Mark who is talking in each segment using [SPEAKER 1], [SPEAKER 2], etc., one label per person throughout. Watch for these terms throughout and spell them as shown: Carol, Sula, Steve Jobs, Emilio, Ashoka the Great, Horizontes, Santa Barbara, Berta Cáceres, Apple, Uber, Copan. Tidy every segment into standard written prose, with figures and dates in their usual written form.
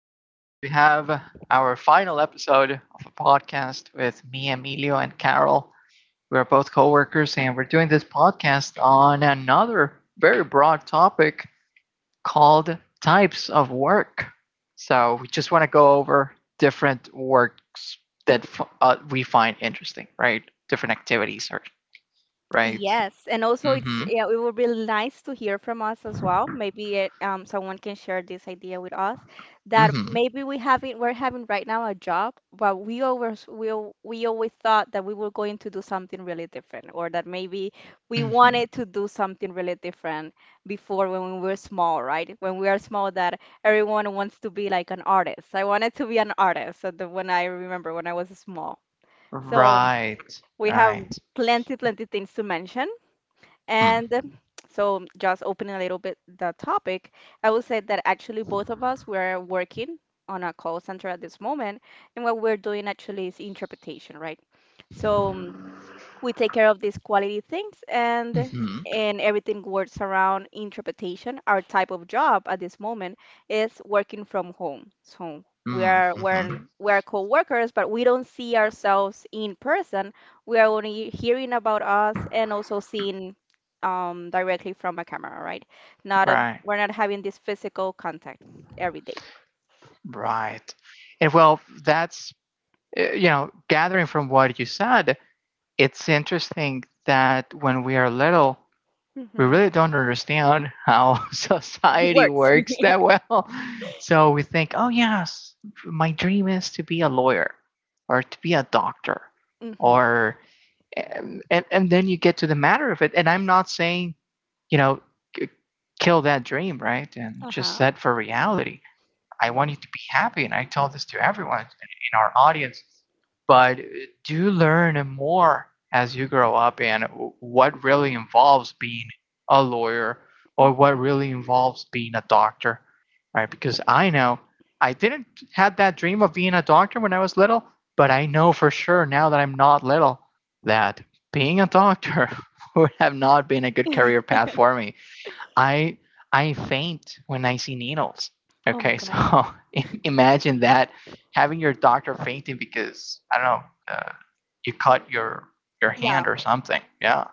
[SPEAKER 1] guys, we have our final episode of a podcast with me, Emilio, and Carol. We're both coworkers, and we're doing this podcast on another very broad topic called types of work. So, we just want to go over different works that we find interesting, right? Different activities, right?
[SPEAKER 2] Yes, and also,
[SPEAKER 1] Mm-hmm.
[SPEAKER 2] it would be nice to hear from us as well. Maybe someone can share this idea with us that
[SPEAKER 1] Mm-hmm.
[SPEAKER 2] maybe we're having right now a job, but we always thought that we were going to do something really different, or that maybe we
[SPEAKER 1] Mm-hmm.
[SPEAKER 2] wanted to do something really different before when we were small, right? When we are small, that everyone wants to be like an artist. I wanted to be an artist, so when I remember when I was small. So
[SPEAKER 1] Right.
[SPEAKER 2] we have
[SPEAKER 1] Right.
[SPEAKER 2] plenty, plenty things to mention.
[SPEAKER 1] Mm.
[SPEAKER 2] And um, just opening a little bit the topic, I would say that actually both of us were working on a call center at this moment, and what we're doing actually is interpretation, right? So, um, we take care of these quality things, and
[SPEAKER 1] Mm-hmm.
[SPEAKER 2] everything works around interpretation. Our type of job at this moment is working from home, so we are we're
[SPEAKER 1] Mm-hmm.
[SPEAKER 2] we're co-workers, but we don't see ourselves in person. We are only hearing about us and also seeing, directly from a camera, right? not a,
[SPEAKER 1] Right,
[SPEAKER 2] We're not having this physical contact every day.
[SPEAKER 1] right. And well, that's, gathering from what you said, it's interesting that when we are little, we
[SPEAKER 2] Mm-hmm.
[SPEAKER 1] really don't understand how society
[SPEAKER 2] works
[SPEAKER 1] works that well. So we think, oh, yes, my dream is to be a lawyer or to be a doctor
[SPEAKER 2] Mm-hmm.
[SPEAKER 1] or and then you get to the matter of it and I'm not saying you know kill that dream, right, and just
[SPEAKER 2] Uh-huh.
[SPEAKER 1] set for reality. I want you to be happy. And I tell this to everyone in our audience. But do learn more as you grow up and what really involves being a lawyer or what
[SPEAKER 2] Hmm.
[SPEAKER 1] really involves being a doctor, right? Because I know I didn't have that dream of being a doctor when I was little, but I know for sure now that I'm not little that being a doctor would have not been a good career path for me. I I faint when I see needles.
[SPEAKER 2] Oh my
[SPEAKER 1] Okay,
[SPEAKER 2] god.
[SPEAKER 1] so imagine that having your doctor fainting because I don't know, you cut your
[SPEAKER 2] Yeah.
[SPEAKER 1] hand or something. Yeah.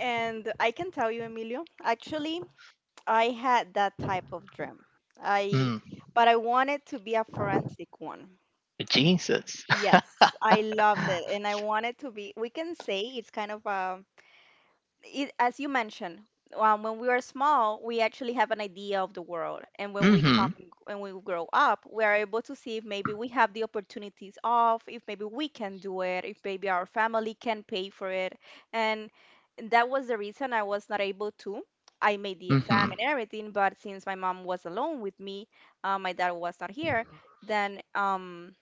[SPEAKER 2] And I can tell you, Emilio, actually, I had that type of dream. I,
[SPEAKER 1] Mm.
[SPEAKER 2] but I wanted to be a forensic one.
[SPEAKER 1] Jesus.
[SPEAKER 2] Yes, I loved it. And I wanted to be, we can say it's kind of a it, as you mentioned, when we are small, we actually have an idea of the world, and
[SPEAKER 1] Mm-hmm.
[SPEAKER 2] when we grow up, we are able to see if maybe we have the opportunities of, if maybe we can do it, if maybe our family can pay for it, and that was the reason I was not able to. I made the exam
[SPEAKER 1] Mm-hmm.
[SPEAKER 2] and everything, but since my mom was alone with me, my dad was not here, then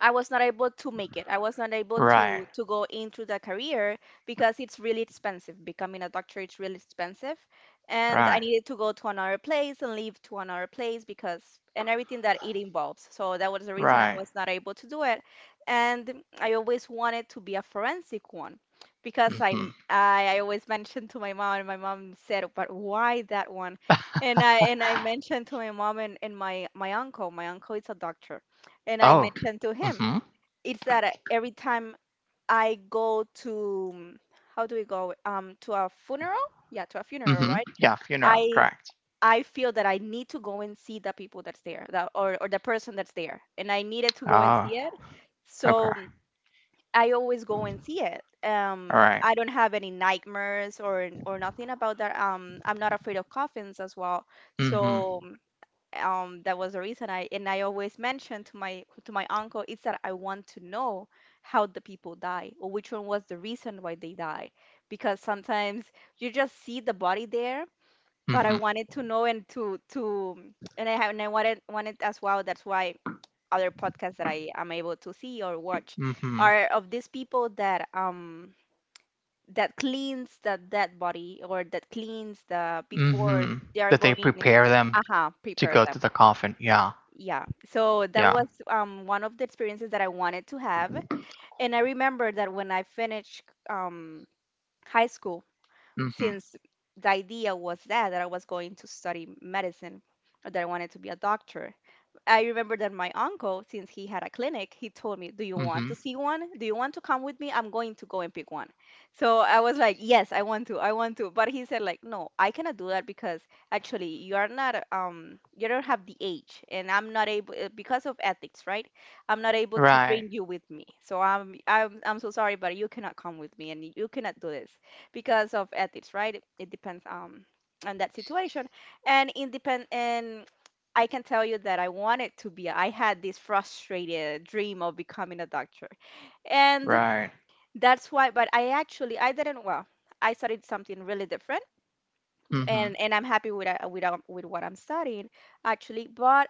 [SPEAKER 2] I was not able to make it. I was not able to
[SPEAKER 1] Right.
[SPEAKER 2] to go into the career because it's really expensive. Becoming a doctor, it's really expensive, and I
[SPEAKER 1] Right.
[SPEAKER 2] needed to go to another place and leave to another place because and everything that it involves. So that was the reason I
[SPEAKER 1] Right.
[SPEAKER 2] was not able to do it, and I always wanted to be a forensic one because
[SPEAKER 1] Mm-hmm.
[SPEAKER 2] I always mentioned to my mom, and my mom said, "But why that one?" And I mentioned to my mom and my uncle. My uncle is a doctor and I
[SPEAKER 1] Oh.
[SPEAKER 2] mentioned to him
[SPEAKER 1] Mm-hmm.
[SPEAKER 2] it's that every time I go to how do we go to a funeral? Yeah, to a funeral,
[SPEAKER 1] Mm-hmm.
[SPEAKER 2] right?
[SPEAKER 1] Yeah. Funeral.
[SPEAKER 2] I
[SPEAKER 1] Correct.
[SPEAKER 2] I feel that I need to go and see the people that's there, that or the person that's there, and I needed to go and
[SPEAKER 1] Oh.
[SPEAKER 2] see it.
[SPEAKER 1] Okay.
[SPEAKER 2] So I always go and see it.
[SPEAKER 1] All right.
[SPEAKER 2] I don't have any nightmares or nothing about that. I'm not afraid of coffins as well.
[SPEAKER 1] Mm-hmm.
[SPEAKER 2] So that was the reason I always mentioned to my uncle it's that I want to know how the people die or which one was the reason why they died because sometimes you just see the body there, but I
[SPEAKER 1] Mm-hmm.
[SPEAKER 2] wanted to know and to and I have and I wanted as well. That's why other podcasts that I am able to see or watch
[SPEAKER 1] Mm-hmm.
[SPEAKER 2] are of these people that that cleans the dead body or that cleans the before
[SPEAKER 1] Mm-hmm.
[SPEAKER 2] they are
[SPEAKER 1] That they
[SPEAKER 2] going.
[SPEAKER 1] prepare them
[SPEAKER 2] Aha,
[SPEAKER 1] to
[SPEAKER 2] prepared.
[SPEAKER 1] go to the coffin. Yeah.
[SPEAKER 2] Yeah, so that
[SPEAKER 1] Yeah.
[SPEAKER 2] was one of the experiences that I wanted to have. And I remember that when I finished um, high school,
[SPEAKER 1] Mm-hmm.
[SPEAKER 2] since the idea was that I was going to study medicine, or that I wanted to be a doctor. I remember that my uncle, since he had a clinic, he told me, "Do you
[SPEAKER 1] Mm-hmm.
[SPEAKER 2] want to see one? Do you want to come with me? I'm going to go and pick one." So I was like, "Yes, I want to. I want to." But he said, like, "No, I cannot do that because actually you are not you don't have the age and I'm not able because of ethics, right? I'm not able to
[SPEAKER 1] Right.
[SPEAKER 2] bring you with me. So I'm so sorry, but you cannot come with me and you cannot do this because of ethics," right? It depends on that situation and independent and I can tell you that I wanted to be. I had this frustrated dream of becoming a doctor. And
[SPEAKER 1] Right.
[SPEAKER 2] that's why, but I didn't, well, I studied something really different,
[SPEAKER 1] Mm-hmm.
[SPEAKER 2] and I'm happy with what I'm studying actually. But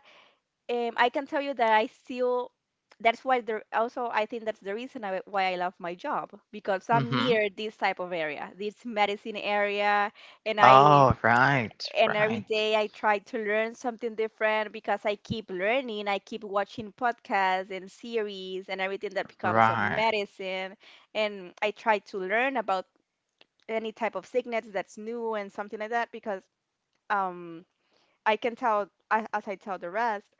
[SPEAKER 2] I can tell you that I still, that's why also I think that's the reason why I love my job because I'm
[SPEAKER 1] Mm-hmm.
[SPEAKER 2] near this type of area, this medicine area. And I,
[SPEAKER 1] Oh, right.
[SPEAKER 2] and every
[SPEAKER 1] Right.
[SPEAKER 2] day I try to learn something different because I keep learning. I keep watching podcasts and series and everything that becomes a
[SPEAKER 1] Right.
[SPEAKER 2] medicine. And I try to learn about any type of sickness that's new and something like that because, um, I can tell, I- as I tell the rest,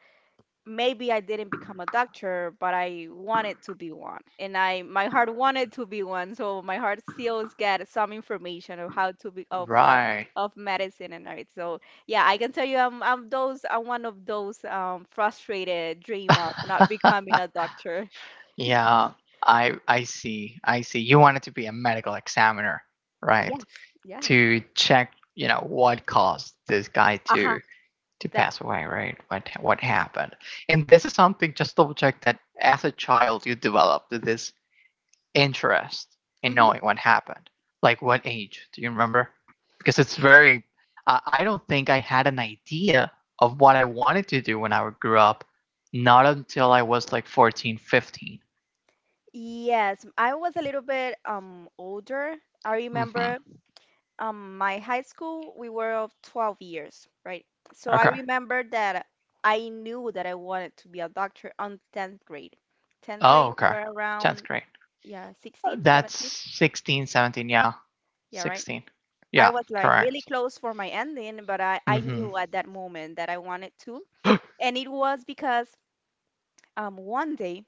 [SPEAKER 2] maybe I didn't become a doctor, but I wanted to be one. And I my heart wanted to be one. So my heart still get some information of how to be of what
[SPEAKER 1] Right.
[SPEAKER 2] of medicine and art. So yeah, I can tell you I'm one of those frustrated dream of not becoming a doctor.
[SPEAKER 1] Yeah. I see. I see. You wanted to be a medical examiner, right?
[SPEAKER 2] Yes, yes.
[SPEAKER 1] To check, what caused this guy
[SPEAKER 2] Uh-huh.
[SPEAKER 1] to
[SPEAKER 2] That.
[SPEAKER 1] pass away, right? What happened? And this is something just double check that as a child you developed this interest in
[SPEAKER 2] Hmm.
[SPEAKER 1] knowing what happened. Like what age? Do you remember? Because it's very. I don't think I had an idea of what I wanted to do when I grew up. Not until I was like 14, 15.
[SPEAKER 2] Yes, I was a little bit older. I
[SPEAKER 1] Mm-hmm.
[SPEAKER 2] remember my high school we were of 12 years, right? So I
[SPEAKER 1] Okay.
[SPEAKER 2] remember that I knew that I wanted to be a doctor on 10th grade. 10th
[SPEAKER 1] Oh,
[SPEAKER 2] grade
[SPEAKER 1] okay.
[SPEAKER 2] we're
[SPEAKER 1] 10th
[SPEAKER 2] around,
[SPEAKER 1] grade.
[SPEAKER 2] yeah, 16,
[SPEAKER 1] That's
[SPEAKER 2] 17,
[SPEAKER 1] 16, 17. Yeah.
[SPEAKER 2] yeah, right.
[SPEAKER 1] 16.
[SPEAKER 2] I
[SPEAKER 1] Yeah,
[SPEAKER 2] was like really
[SPEAKER 1] correct.
[SPEAKER 2] close for my ending, but I
[SPEAKER 1] Mm
[SPEAKER 2] knew at that moment that I wanted to.
[SPEAKER 1] hmm.
[SPEAKER 2] And it was because one day,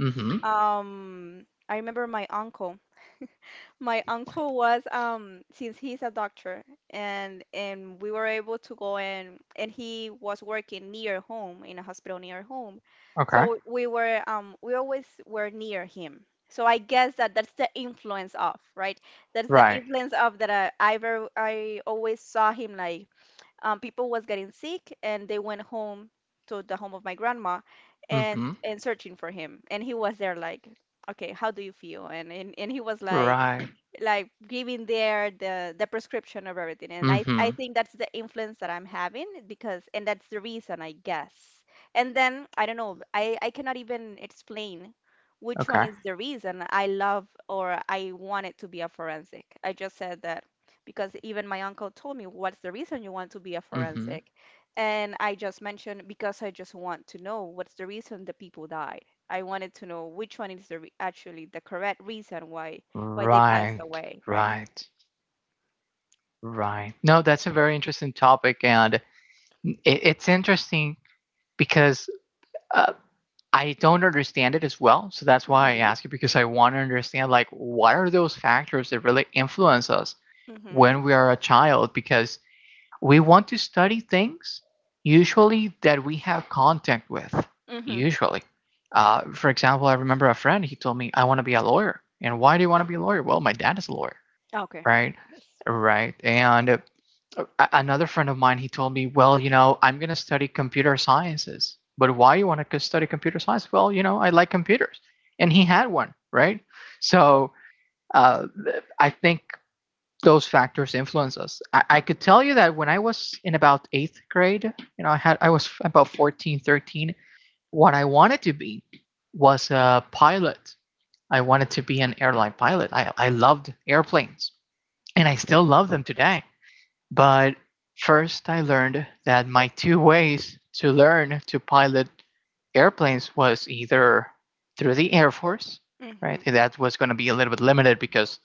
[SPEAKER 1] Mm hmm.
[SPEAKER 2] I remember my uncle. My uncle was since he's a doctor, and we were able to go, and he was working near home in a hospital near home.
[SPEAKER 1] Okay.
[SPEAKER 2] So we were we always were near him. So I guess that that's the influence of, right? That's the
[SPEAKER 1] Right.
[SPEAKER 2] influence of that. I always saw him like, people was getting sick and they went home to the home of my grandma and
[SPEAKER 1] Mm-hmm.
[SPEAKER 2] searching for him, and he was there like, "Okay, how do you feel?" And and he was
[SPEAKER 1] Right.
[SPEAKER 2] like giving there the prescription of everything, and I
[SPEAKER 1] Mm-hmm.
[SPEAKER 2] think that's the influence that I'm having because, and that's the reason I guess. And then I don't know, I cannot even explain which one
[SPEAKER 1] Okay.
[SPEAKER 2] is the reason I love or I wanted to be a forensic. I just said that because even my uncle told me, "What's the reason you want to be a
[SPEAKER 1] Mm-hmm.
[SPEAKER 2] forensic?" And I just mentioned because I just want to know what's the reason the people died. I wanted to know which one is the actually the correct reason why they passed
[SPEAKER 1] Right.
[SPEAKER 2] away, right?
[SPEAKER 1] Right. Right. No, that's a very interesting topic, and it's interesting because uh, I don't understand it as well. So that's why I
[SPEAKER 2] Mhm.
[SPEAKER 1] ask you because I want to understand like what are those factors that really influence us
[SPEAKER 2] Mhm.
[SPEAKER 1] when we are a child because we want to study things usually that we have contact with.
[SPEAKER 2] Mm-hmm.
[SPEAKER 1] Usually. For example, I remember a friend, he told me, I want to be a lawyer. And why do you want to be a lawyer? Well, my dad is a lawyer,
[SPEAKER 2] Oh, okay.
[SPEAKER 1] right?
[SPEAKER 2] Yes.
[SPEAKER 1] Right. And another friend of mine, he told me, Well, you know, I'm going to study computer sciences. But why you want to study computer science? Well, you know, I like computers. And he had one, right? So uh, I think those factors influence us. I could tell you that when I was in about eighth grade, I was about 14, 13. What I wanted to be was a pilot. I wanted to be an airline pilot. I loved airplanes and I still love them today. But first I learned that my two ways to learn to pilot airplanes was either through the Air Force,
[SPEAKER 2] Hmm.
[SPEAKER 1] right? And that was going to be a little bit limited because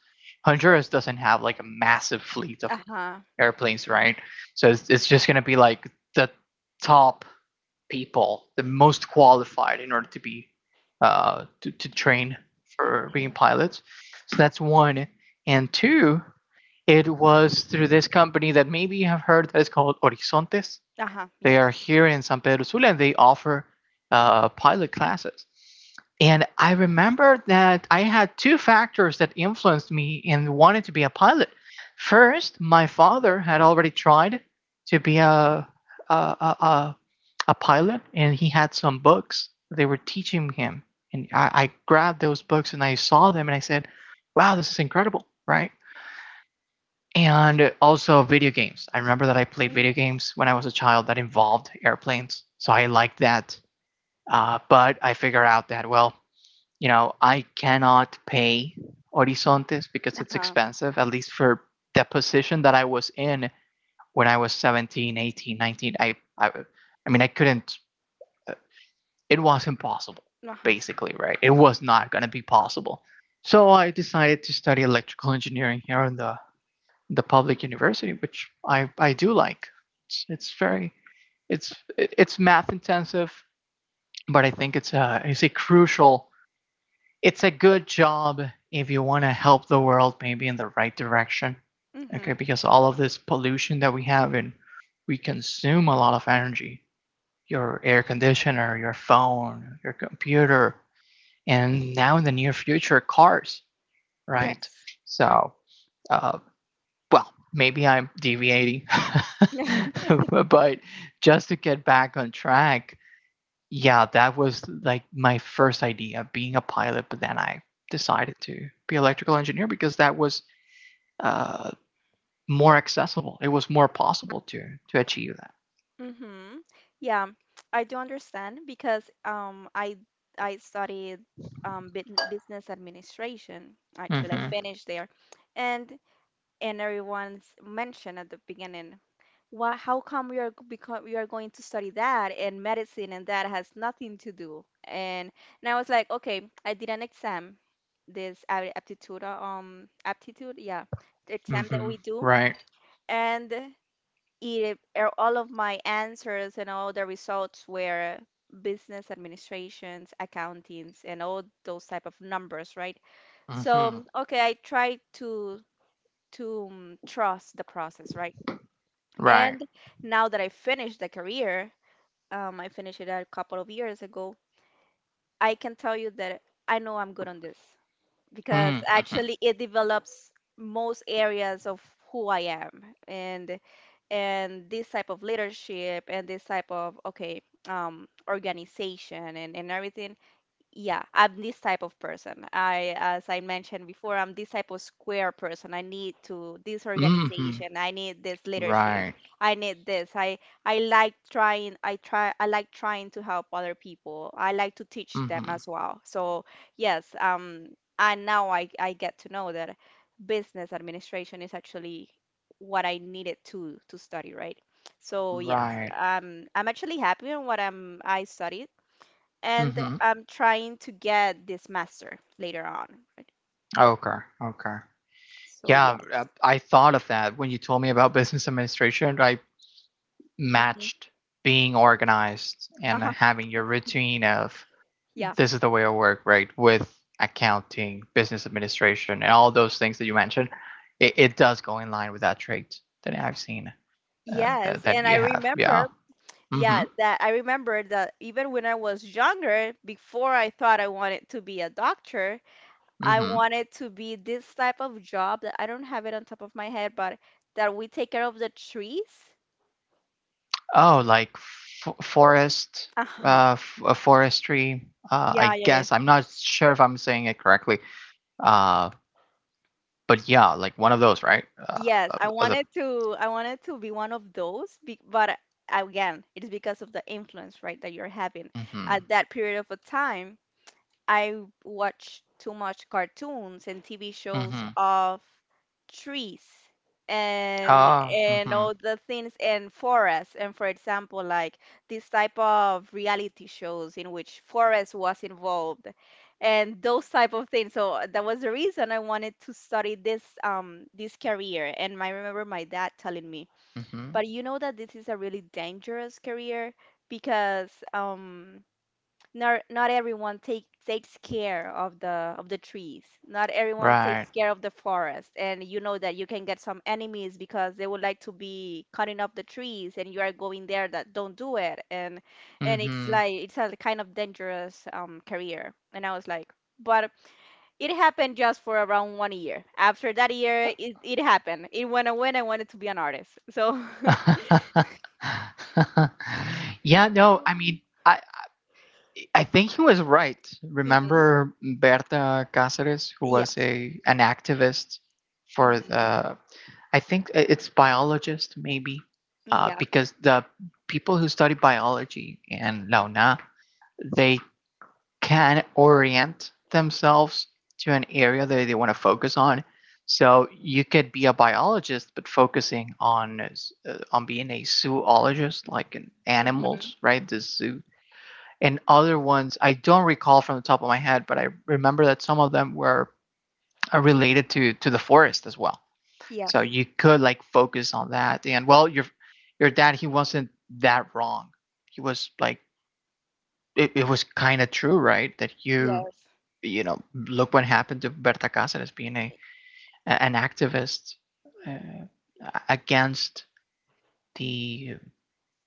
[SPEAKER 1] Honduras doesn't have like a massive fleet of
[SPEAKER 2] Uh-huh.
[SPEAKER 1] airplanes, right? So it's just going to be like the top people, the most qualified in order to be to train for being
[SPEAKER 2] Mm-hmm.
[SPEAKER 1] pilots. So that's one. And two, it was through this company that maybe you have heard that is called Horizontes.
[SPEAKER 2] Uh-huh.
[SPEAKER 1] They
[SPEAKER 2] Yes.
[SPEAKER 1] are here in San Pedro Sula and they offer pilot classes. And I remember that I had two factors that influenced me in wanting to be a pilot. First, my father had already tried to be a, a, a pilot, and he had some books they were teaching him. And I grabbed those books and I saw them and I said, "Wow, this is incredible!" Right? And also video games. I remember that I played
[SPEAKER 2] Mm.
[SPEAKER 1] video games when I was a child that involved airplanes, so I liked that. But I figured out that well, I cannot pay Horizontes because it's
[SPEAKER 2] Uh-huh.
[SPEAKER 1] expensive, at least for the position that I was in when I was 17, 18, 19. I, I, I mean, I couldn't, uh, it was impossible,
[SPEAKER 2] Uh-huh.
[SPEAKER 1] basically, right? It was not going to be possible. So I decided to study electrical engineering here in the public university, which I do like. It's very. It's it's math intensive, but I think it's a good job if you want to help the world maybe in the right direction.
[SPEAKER 2] Mm-hmm.
[SPEAKER 1] Okay, because all of this pollution that we have and we consume a lot of energy. Your air conditioner, your phone, your computer, and now in the near future, cars. Right.
[SPEAKER 2] Yes.
[SPEAKER 1] So uh, well, maybe I'm deviating, but just to get back on track, yeah, that was like my first idea of being a pilot, but then I decided to be an electrical engineer because that was uh, more accessible. It was more possible to achieve that.
[SPEAKER 2] Mm-hmm. Yeah, I do understand because I studied bit business administration. Actually, I
[SPEAKER 1] Mm-hmm.
[SPEAKER 2] finished there. And everyone's mentioned at the beginning. How come we are going to study that and medicine and that has nothing to do? And I was like, okay, I did an exam, this aptitude, yeah, exam that
[SPEAKER 1] Mm-hmm.
[SPEAKER 2] we do,
[SPEAKER 1] Right.
[SPEAKER 2] and it all of my answers and all the results were business administrations, accountings, and all those type of numbers, right? So
[SPEAKER 1] Mm-hmm.
[SPEAKER 2] okay, I tried to trust the process, right?
[SPEAKER 1] Right.
[SPEAKER 2] And now that I finished the career, I finished it a couple of years ago. I can tell you that I know I'm good on this because
[SPEAKER 1] Mm-hmm.
[SPEAKER 2] actually it develops most areas of who I am, and this type of leadership and this type of okay, organization, and everything. Yeah, I'm this type of person. As I mentioned before, I'm this type of square person. I need to this
[SPEAKER 1] Mm-hmm.
[SPEAKER 2] organization. I need this leadership.
[SPEAKER 1] Right.
[SPEAKER 2] I need this. I like trying. I try. I like trying to help other people. I like to teach them
[SPEAKER 1] Mm-hmm.
[SPEAKER 2] as well. So yes, and now I get to know that business administration is actually what I needed to study, right? So yes,
[SPEAKER 1] Right.
[SPEAKER 2] I'm actually happy in what I studied and
[SPEAKER 1] Mm-hmm.
[SPEAKER 2] I'm trying to get this master later on, right?
[SPEAKER 1] Okay. Okay.
[SPEAKER 2] So
[SPEAKER 1] Yeah,
[SPEAKER 2] yes.
[SPEAKER 1] I thought of that when you told me about business administration. I
[SPEAKER 2] hmm
[SPEAKER 1] matched being organized and
[SPEAKER 2] Uh-huh.
[SPEAKER 1] having your routine of
[SPEAKER 2] Yeah.
[SPEAKER 1] this is the way I work, right? With accounting, business administration, and all those things that you mentioned. It does go in line with that trait that I've seen, uh, that,
[SPEAKER 2] Yes,
[SPEAKER 1] that
[SPEAKER 2] and
[SPEAKER 1] you have. Yeah. Mm-hmm.
[SPEAKER 2] I remember that even when I was younger, before I thought I wanted to be a doctor, I
[SPEAKER 1] Mm-hmm.
[SPEAKER 2] wanted to be this type of job that I don't have it on top of my head, but that we take care of the trees.
[SPEAKER 1] Oh, like forest,
[SPEAKER 2] Uh-huh.
[SPEAKER 1] forestry.
[SPEAKER 2] Yeah,
[SPEAKER 1] I
[SPEAKER 2] yeah, yeah.
[SPEAKER 1] guess I'm not sure if I'm saying it correctly. Uh, but yeah, like one of those, right?
[SPEAKER 2] Yes, I
[SPEAKER 1] Of the
[SPEAKER 2] wanted to I wanted to be one of those, but again, it is because of the influence, right, that you're having
[SPEAKER 1] Mm-hmm.
[SPEAKER 2] at that period of a time. I watch too much cartoons and TV shows
[SPEAKER 1] Mm-hmm.
[SPEAKER 2] of trees and
[SPEAKER 1] Ah. Mm-hmm.
[SPEAKER 2] all the things and forests, and for example like this type of reality shows in which forest was involved and those type of things. So that was the reason I wanted to study this this career. And I remember my dad telling me,
[SPEAKER 1] Mm-hmm.
[SPEAKER 2] but you know that this is a really dangerous career, because not everyone takes care of the trees. Not everyone
[SPEAKER 1] Right.
[SPEAKER 2] takes care of the forest, and you know that you can get some enemies because they would like to be cutting up the trees, and you are going there that don't do it, and it's
[SPEAKER 1] Mm-hmm.
[SPEAKER 2] like it's a kind of dangerous career. And I was like, but it happened just for around 1 year. After that year, it happened. It went away, and I wanted to be an artist. So,
[SPEAKER 1] Yeah, no, I mean, I think he was right.
[SPEAKER 2] Mhm.
[SPEAKER 1] Remember Berta Cáceres, who was
[SPEAKER 2] Yes.
[SPEAKER 1] a an activist for
[SPEAKER 2] hmm
[SPEAKER 1] the, I think it's biologist maybe,
[SPEAKER 2] Yeah.
[SPEAKER 1] because the people who study biology in Launa, they can orient themselves to an area that they want to focus on. So you could be a biologist, but focusing on being a zoologist, like in
[SPEAKER 2] hmm
[SPEAKER 1] animals, right? The zoo and other ones I don't recall from the top of my head, but I remember that some of them were related to the forest as well. So
[SPEAKER 2] Yes.
[SPEAKER 1] you could like focus on that. And well, your dad he wasn't that wrong. He was like it was kind of true, right? That
[SPEAKER 2] Yes.
[SPEAKER 1] look what happened to Berta Cáceres being a an activist uh, against the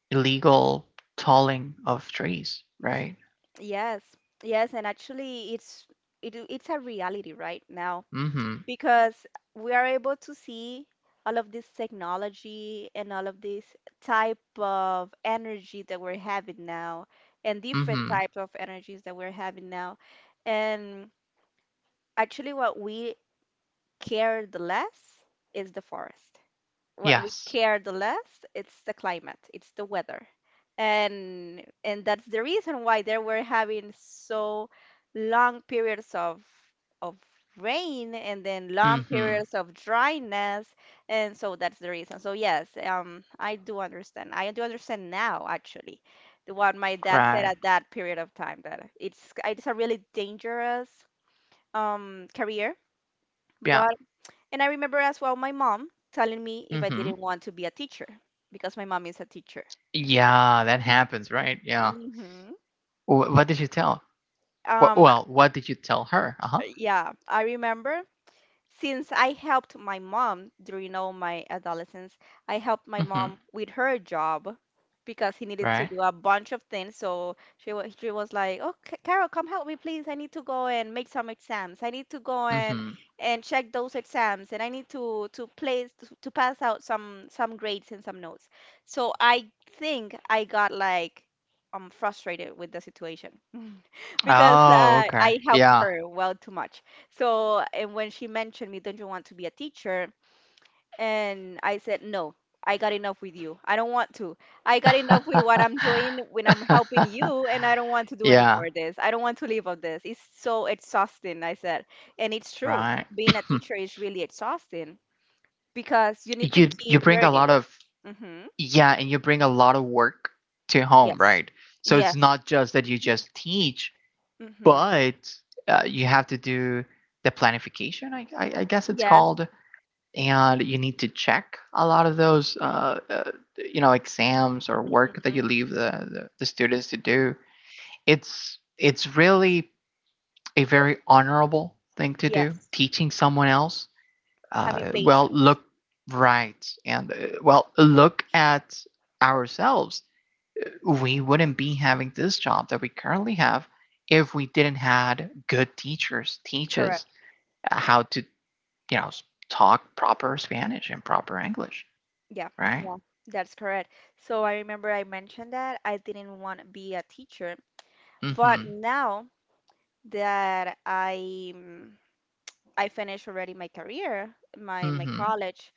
[SPEAKER 1] illegal tolling of trees, right?
[SPEAKER 2] Yes. Yes, and actually it's a reality right now
[SPEAKER 1] Mm-hmm.
[SPEAKER 2] because we are able to see all of this technology and all of this type of energy that we're having now, and different
[SPEAKER 1] Mm-hmm.
[SPEAKER 2] types of energies that we're having now. And actually what we care the less is the forest, what we
[SPEAKER 1] Yes.
[SPEAKER 2] care the less it's the climate, it's the weather, and that's the reason why they were having so long periods of rain and then long
[SPEAKER 1] Mm-hmm.
[SPEAKER 2] periods of dryness. And so that's the reason. So yes, I do understand, I do understand now actually the what my dad said
[SPEAKER 1] Right.
[SPEAKER 2] at that period of time, that it's a really dangerous career.
[SPEAKER 1] Yeah.
[SPEAKER 2] But and I remember as well my mom telling me if I
[SPEAKER 1] Mm-hmm.
[SPEAKER 2] didn't want to be a teacher, because my mom is a teacher.
[SPEAKER 1] Yeah, that happens, right? Yeah.
[SPEAKER 2] Mm-hmm.
[SPEAKER 1] What did you tell?
[SPEAKER 2] Um,
[SPEAKER 1] Well, what did you tell her? Uh huh.
[SPEAKER 2] yeah, I remember since I helped my mom during all my adolescence, I helped my
[SPEAKER 1] Mm-hmm.
[SPEAKER 2] mom with her job, because he needed to
[SPEAKER 1] Right.
[SPEAKER 2] do a bunch of things. So she was like, "Oh, Ca- Carol, come help me, please. I need to go and make some exams. I need to go and
[SPEAKER 1] Mm-hmm.
[SPEAKER 2] check those exams, and I need to pass out some grades and some notes." So I think I got like I frustrated with the situation because
[SPEAKER 1] Oh, okay.
[SPEAKER 2] I helped
[SPEAKER 1] Yeah.
[SPEAKER 2] her well too much. So, and when she mentioned me, don't you want to be a teacher? And I said, no, I got enough with you. I don't want to. I got enough with what I'm doing when I'm helping you, and I don't want to do any
[SPEAKER 1] Yeah,
[SPEAKER 2] more of this. I don't want to live of this. It's so exhausting, I said. And it's true.
[SPEAKER 1] right.
[SPEAKER 2] Being a teacher is really exhausting because you need to
[SPEAKER 1] you
[SPEAKER 2] keep
[SPEAKER 1] bring a lot
[SPEAKER 2] learning.
[SPEAKER 1] of
[SPEAKER 2] hmm
[SPEAKER 1] yeah, and you bring a lot of work to home,
[SPEAKER 2] Yes.
[SPEAKER 1] right? So it's
[SPEAKER 2] Yes.
[SPEAKER 1] not just that you just teach,
[SPEAKER 2] hmm
[SPEAKER 1] but you have to do the planification, I guess it's
[SPEAKER 2] Yes.
[SPEAKER 1] called, and you need to check a lot of those, exams or work that you
[SPEAKER 2] hmm
[SPEAKER 1] leave the students to do. It's really a very honorable thing to do,
[SPEAKER 2] Yes.
[SPEAKER 1] teaching someone else,
[SPEAKER 2] Having
[SPEAKER 1] well,
[SPEAKER 2] patience.
[SPEAKER 1] look, right, and well, look at ourselves. We wouldn't be having this job that we currently have if we didn't had good teachers teach us how to you know talk proper Spanish and proper English,
[SPEAKER 2] Yeah,
[SPEAKER 1] right?
[SPEAKER 2] yeah, that's correct. So I remember I mentioned that I didn't want to be a teacher, but
[SPEAKER 1] Mm-hmm.
[SPEAKER 2] now that I finished already my career, my
[SPEAKER 1] Mm-hmm.
[SPEAKER 2] college,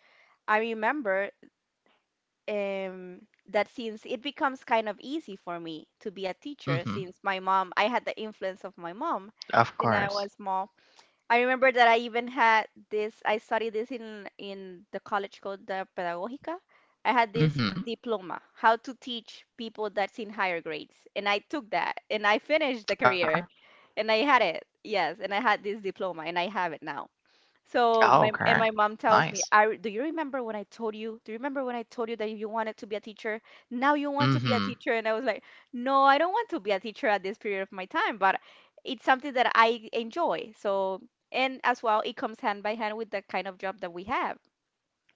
[SPEAKER 2] I remember um that since it becomes kind of easy for me to be a teacher,
[SPEAKER 1] Mm-hmm.
[SPEAKER 2] since my mom, I had the influence of my mom
[SPEAKER 1] Of
[SPEAKER 2] since I
[SPEAKER 1] course.
[SPEAKER 2] was small. I remember that I even had this. I studied this in the College Code Pedagógica. I had this
[SPEAKER 1] Mm-hmm.
[SPEAKER 2] diploma, how to teach people that's in higher grades, and I took that and I finished the
[SPEAKER 1] Okay.
[SPEAKER 2] career and I had it. Yes, and I had this diploma and I have it now. So
[SPEAKER 1] Oh,
[SPEAKER 2] my and
[SPEAKER 1] okay.
[SPEAKER 2] my mom tells me,
[SPEAKER 1] Nice.
[SPEAKER 2] I re- do you remember when I told you? Do you remember when I told you that you wanted to be a teacher? Now you want to be a
[SPEAKER 1] Mm-hmm.
[SPEAKER 2] teacher. And I was like, no, I don't want to be a teacher at this period of my time, but it's something that I enjoy. So and as well, it comes hand by hand with the kind of job that we have,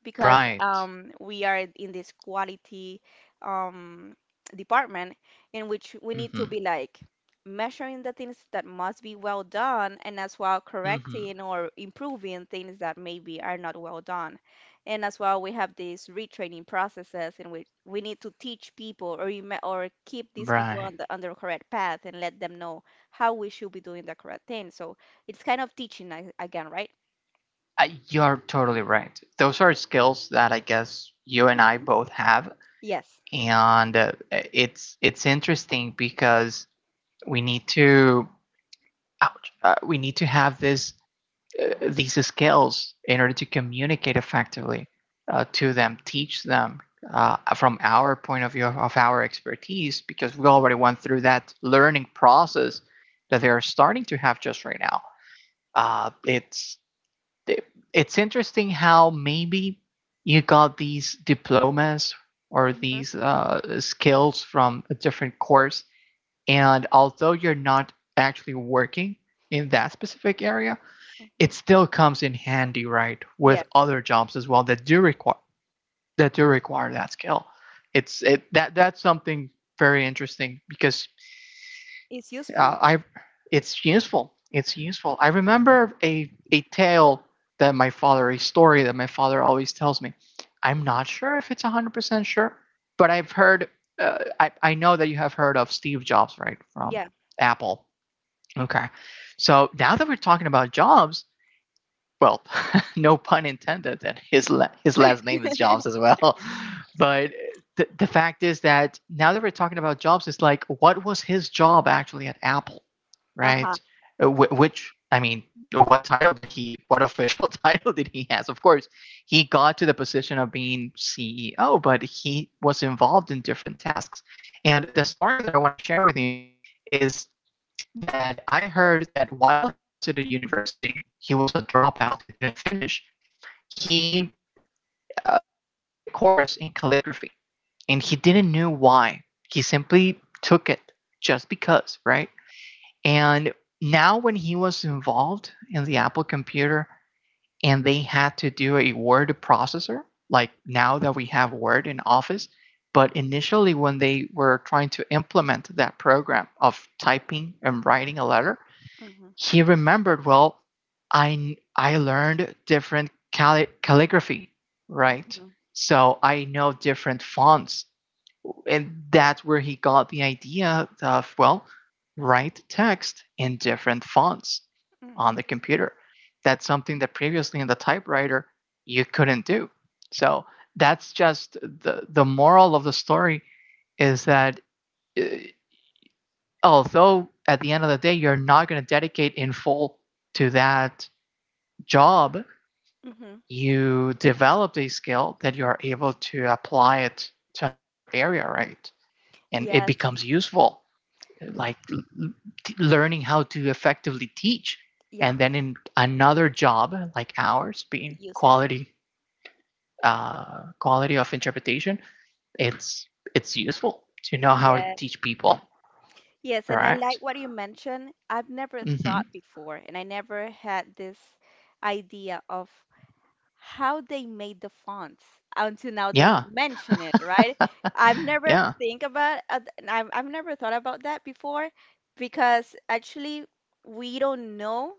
[SPEAKER 2] because
[SPEAKER 1] Right.
[SPEAKER 2] we are in this quality um, department in which we need to
[SPEAKER 1] Mm-hmm.
[SPEAKER 2] be like measuring the things that must be well done and as well
[SPEAKER 1] Mm-hmm.
[SPEAKER 2] correcting or improving things that maybe are not well done. And as well, we have these retraining processes in which we need to teach people or rem- or keep these people
[SPEAKER 1] Right.
[SPEAKER 2] on the correct path and let them know how we should be doing the correct thing. So it's kind of teaching a- again, right?
[SPEAKER 1] You're totally right. Those are skills that I guess you and I
[SPEAKER 2] hmm
[SPEAKER 1] both have,
[SPEAKER 2] Yes.
[SPEAKER 1] and it's interesting because we need to, ouch, we need to have this these skills in order to communicate effectively, to them, teach them, from our point of view of, our expertise, because we already went through that learning process that they are starting to have just right now. Uh, it's it's interesting how maybe you got these diplomas or
[SPEAKER 2] hmm
[SPEAKER 1] these skills from a different course and although you're not actually working in that specific area it still comes in handy, right, with
[SPEAKER 2] Yes,
[SPEAKER 1] other jobs as well that do require that skill. It's it that that's something very interesting because
[SPEAKER 2] it's useful.
[SPEAKER 1] I it's useful. It's useful. I remember a tale that my father, a story that my father always tells me. I'm not sure if it's 100% sure, but I've heard. I know that you have heard of Steve Jobs, right, from
[SPEAKER 2] Yeah.
[SPEAKER 1] Apple. Okay, so now that we're talking about jobs, well, no pun intended, and his last name is Jobs as well. But the fact is that now that we're talking about Jobs, it's like what was his job actually at Apple,
[SPEAKER 2] Aha.
[SPEAKER 1] right? Which I mean, what title did he? What official title did he have? Of course, he got to the position of being CEO, but he was involved in different tasks. And the story that I want to share with you is that I heard that while he was at a university, he was a dropout. He didn't finish. He he took a course in calligraphy, and he didn't know why. He simply took it just because, right? And now when he was involved in the Apple computer and they had to do a word processor, like now that we have Word in Office, but initially when they were trying to implement that program of typing and writing a letter,
[SPEAKER 2] Mhm,
[SPEAKER 1] he remembered, well, I learned different calligraphy, right?
[SPEAKER 2] mhm,
[SPEAKER 1] So I know different fonts. And that's where he got the idea of, well, write text in different fonts on
[SPEAKER 2] mhm,
[SPEAKER 1] the computer. That's something that previously in the typewriter you couldn't do. So that's just the moral of the story is that uh, although at the end of the day you're not going to dedicate in full to that job,
[SPEAKER 2] mhm.
[SPEAKER 1] you develop a skill that you are able to apply it to another area, right? And it
[SPEAKER 2] Yes.
[SPEAKER 1] becomes useful, like learning how to effectively teach.
[SPEAKER 2] Yeah.
[SPEAKER 1] And then in another job, like ours, being
[SPEAKER 2] Use it.
[SPEAKER 1] quality of interpretation, it's it's useful to know how to
[SPEAKER 2] Yes.
[SPEAKER 1] teach people,
[SPEAKER 2] Yes, and I like
[SPEAKER 1] right?
[SPEAKER 2] what you mentioned. I've never thought
[SPEAKER 1] Mm-hmm.
[SPEAKER 2] before, and I never had this idea of how they made the fonts until now that you
[SPEAKER 1] Yeah,
[SPEAKER 2] mention it, right? I've never
[SPEAKER 1] yeah,
[SPEAKER 2] think about I've never thought about that before because actually we don't know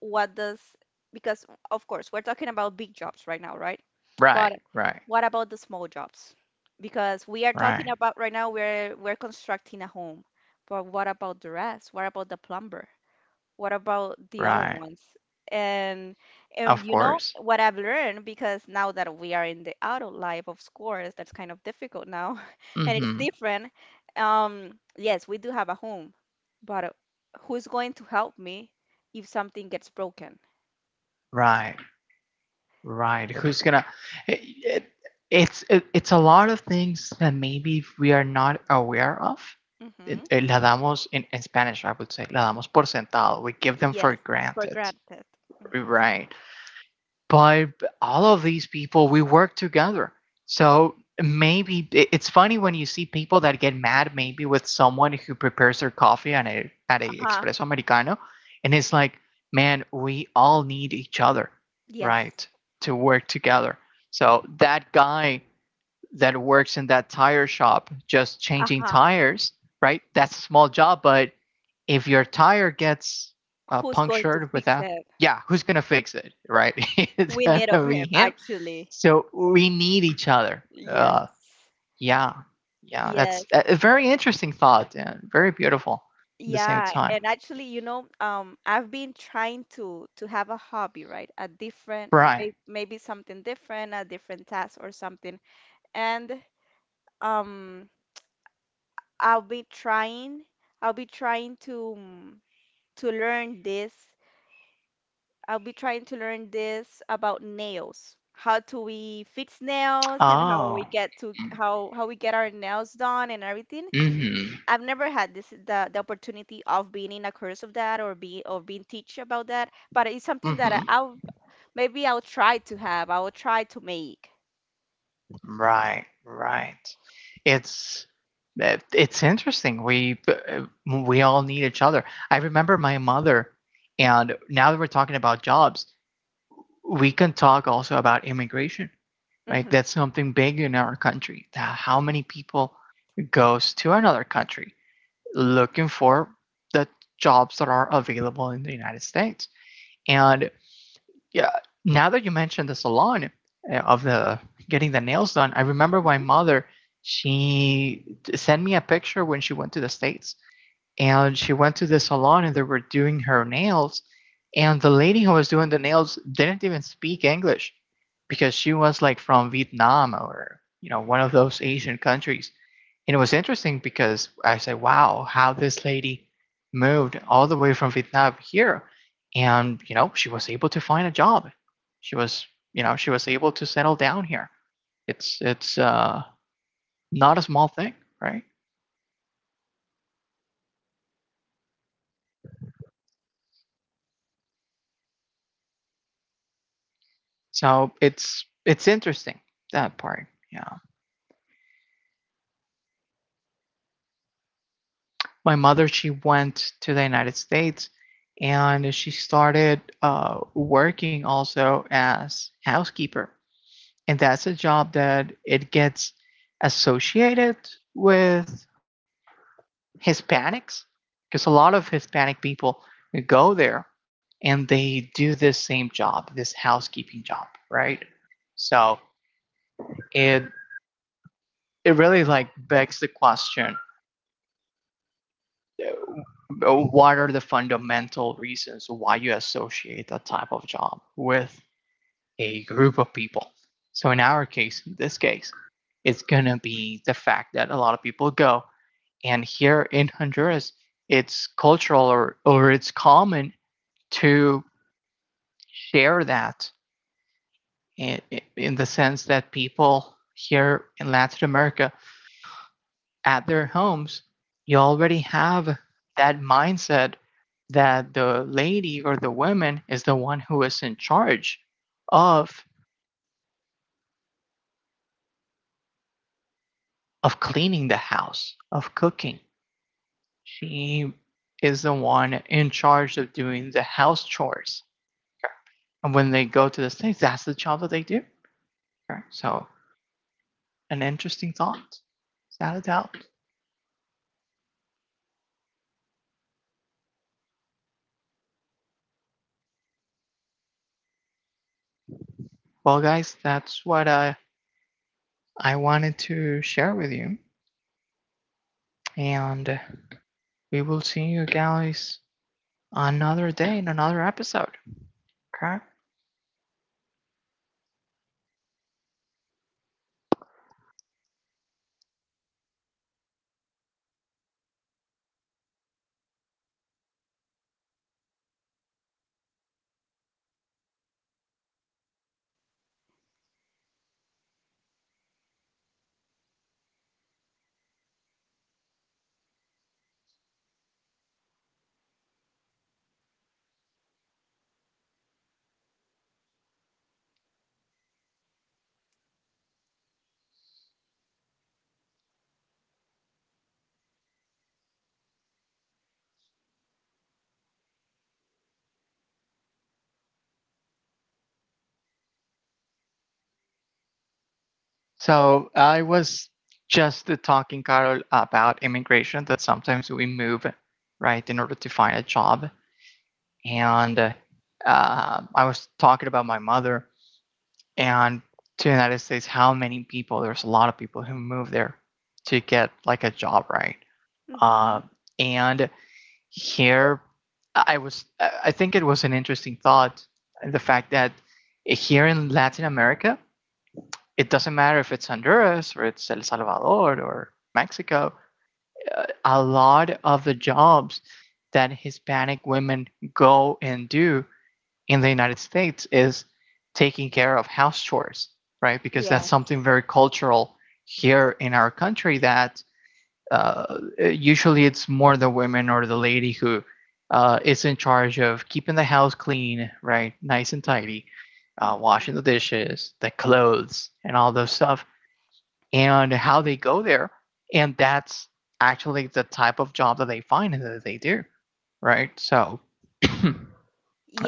[SPEAKER 2] what does, because of course we're talking about big jobs right now, right?
[SPEAKER 1] right,
[SPEAKER 2] But
[SPEAKER 1] right,
[SPEAKER 2] what about the small jobs? Because we are talking
[SPEAKER 1] right,
[SPEAKER 2] about right now we're constructing a home, but what about the rest? What about the plumber? What about the other
[SPEAKER 1] right.
[SPEAKER 2] ones? And
[SPEAKER 1] Of
[SPEAKER 2] you know
[SPEAKER 1] course.
[SPEAKER 2] what I've learned, because now that we are in the adult life, of course, that's kind of difficult now, and it's
[SPEAKER 1] Mm-hmm.
[SPEAKER 2] different. Yes, we do have a home, but who's going to help me if something gets broken?
[SPEAKER 1] Right. Right. Who's gonna? It, it, it, it's a lot of things that maybe we are not aware of.
[SPEAKER 2] Mm-hmm.
[SPEAKER 1] It la damos in Spanish, I would say, la damos por sentado. We give them
[SPEAKER 2] Yes,
[SPEAKER 1] for
[SPEAKER 2] for
[SPEAKER 1] granted.
[SPEAKER 2] granted. Mm-hmm.
[SPEAKER 1] Right, but all of these people we work together, so maybe it's funny when you see people that get mad maybe with someone who prepares their coffee at a
[SPEAKER 2] Uh-huh.
[SPEAKER 1] espresso americano, and it's like, man, we all need each other,
[SPEAKER 2] Yes.
[SPEAKER 1] right, to work together, so that guy that works in that tire shop just changing
[SPEAKER 2] Uh-huh.
[SPEAKER 1] tires, right? That's a small job, but if your tire gets
[SPEAKER 2] Who's going to
[SPEAKER 1] punctured with
[SPEAKER 2] fix
[SPEAKER 1] that,
[SPEAKER 2] it?
[SPEAKER 1] yeah, who's gonna fix it, right? It's
[SPEAKER 2] We need
[SPEAKER 1] gonna
[SPEAKER 2] of
[SPEAKER 1] be
[SPEAKER 2] him,
[SPEAKER 1] him.
[SPEAKER 2] actually.
[SPEAKER 1] So we need each other.
[SPEAKER 2] Yes.
[SPEAKER 1] Yeah, yeah, that's
[SPEAKER 2] Yes.
[SPEAKER 1] a very interesting thought and very beautiful at the same
[SPEAKER 2] Yeah,
[SPEAKER 1] time.
[SPEAKER 2] and actually, you know, I've been trying to have a hobby, right? A different,
[SPEAKER 1] Right.
[SPEAKER 2] may, maybe something different, a different task or something. And um, I'll be trying, I'll be trying to to learn this. I'll be trying to learn this about nails. How do we fix nails and how
[SPEAKER 1] Oh.
[SPEAKER 2] we get to how we get our nails done and everything.
[SPEAKER 1] Mm-hmm.
[SPEAKER 2] I've never had this the opportunity of being in a course of that or be or being teach about that, but it's something that
[SPEAKER 1] Mm-hmm.
[SPEAKER 2] I'll maybe I'll try to have. I will try to make.
[SPEAKER 1] Right, right. It's it's interesting. We we all need each other. I remember my mother, and now that we're talking about jobs, we can talk also about immigration, right?
[SPEAKER 2] hmm
[SPEAKER 1] That's something big in our country. How many people goes to another country looking for the jobs that are available in the United States? And yeah, now that you mentioned the salon of the getting the nails done, I remember my mother. She sent me a picture when she went to the states, and she went to the salon and they were doing her nails, and the lady who was doing the nails didn't even speak English because she was like from Vietnam or you know one of those Asian countries. It was interesting because I said, wow, how this lady moved all the way from Vietnam here. And, you know, she was able to find a job. She was, you know, she was able to settle down here. It's not a small thing, right? So it's interesting, that part. Yeah. My mother, she went to the United States and she started working also as housekeeper, and that's a job that it gets associated with Hispanics, because a lot of Hispanic people go there and they do this same job, this housekeeping job, right? So it it really like begs the question, what are the fundamental reasons why you associate that type of job with a group of people? So in our case, in this case, it's going to be the fact that a lot of people go. And here in Honduras, it's cultural, or it's common to share that in, in the sense that people here in Latin America, at their homes, you already have that mindset that the lady or the woman is the one who is in charge of cleaning the house, of cooking. She is the one in charge of doing the house chores. And when they go to the States, that's the job that they do. Okay, so, an interesting thought, without a doubt. Well, guys, that's what I wanted to share with you. And we will see you guys another day in another episode. Okay. So, I was just talking, Carol, about immigration that sometimes we move, right, in order to find a job. And I was talking about my mother and to the United States, how many people? There's a lot of people who move there to get like a job, right?
[SPEAKER 2] Mm-hmm.
[SPEAKER 1] Uh, and here, I think it was an interesting thought, the fact that here in Latin America, it doesn't matter if it's Honduras or it's El Salvador or Mexico, a lot of the jobs that Hispanic women go and do in the United States is taking care of house chores, right? Because that's something
[SPEAKER 2] Yes.
[SPEAKER 1] very cultural here in our country that usually it's more the women or the lady who is in charge of keeping the house clean, right? Nice and tidy,
[SPEAKER 2] Mm-hmm.
[SPEAKER 1] washing the dishes, the clothes, and all those stuff, and how they go there. And that's actually the type of job that they find and that they do, right? So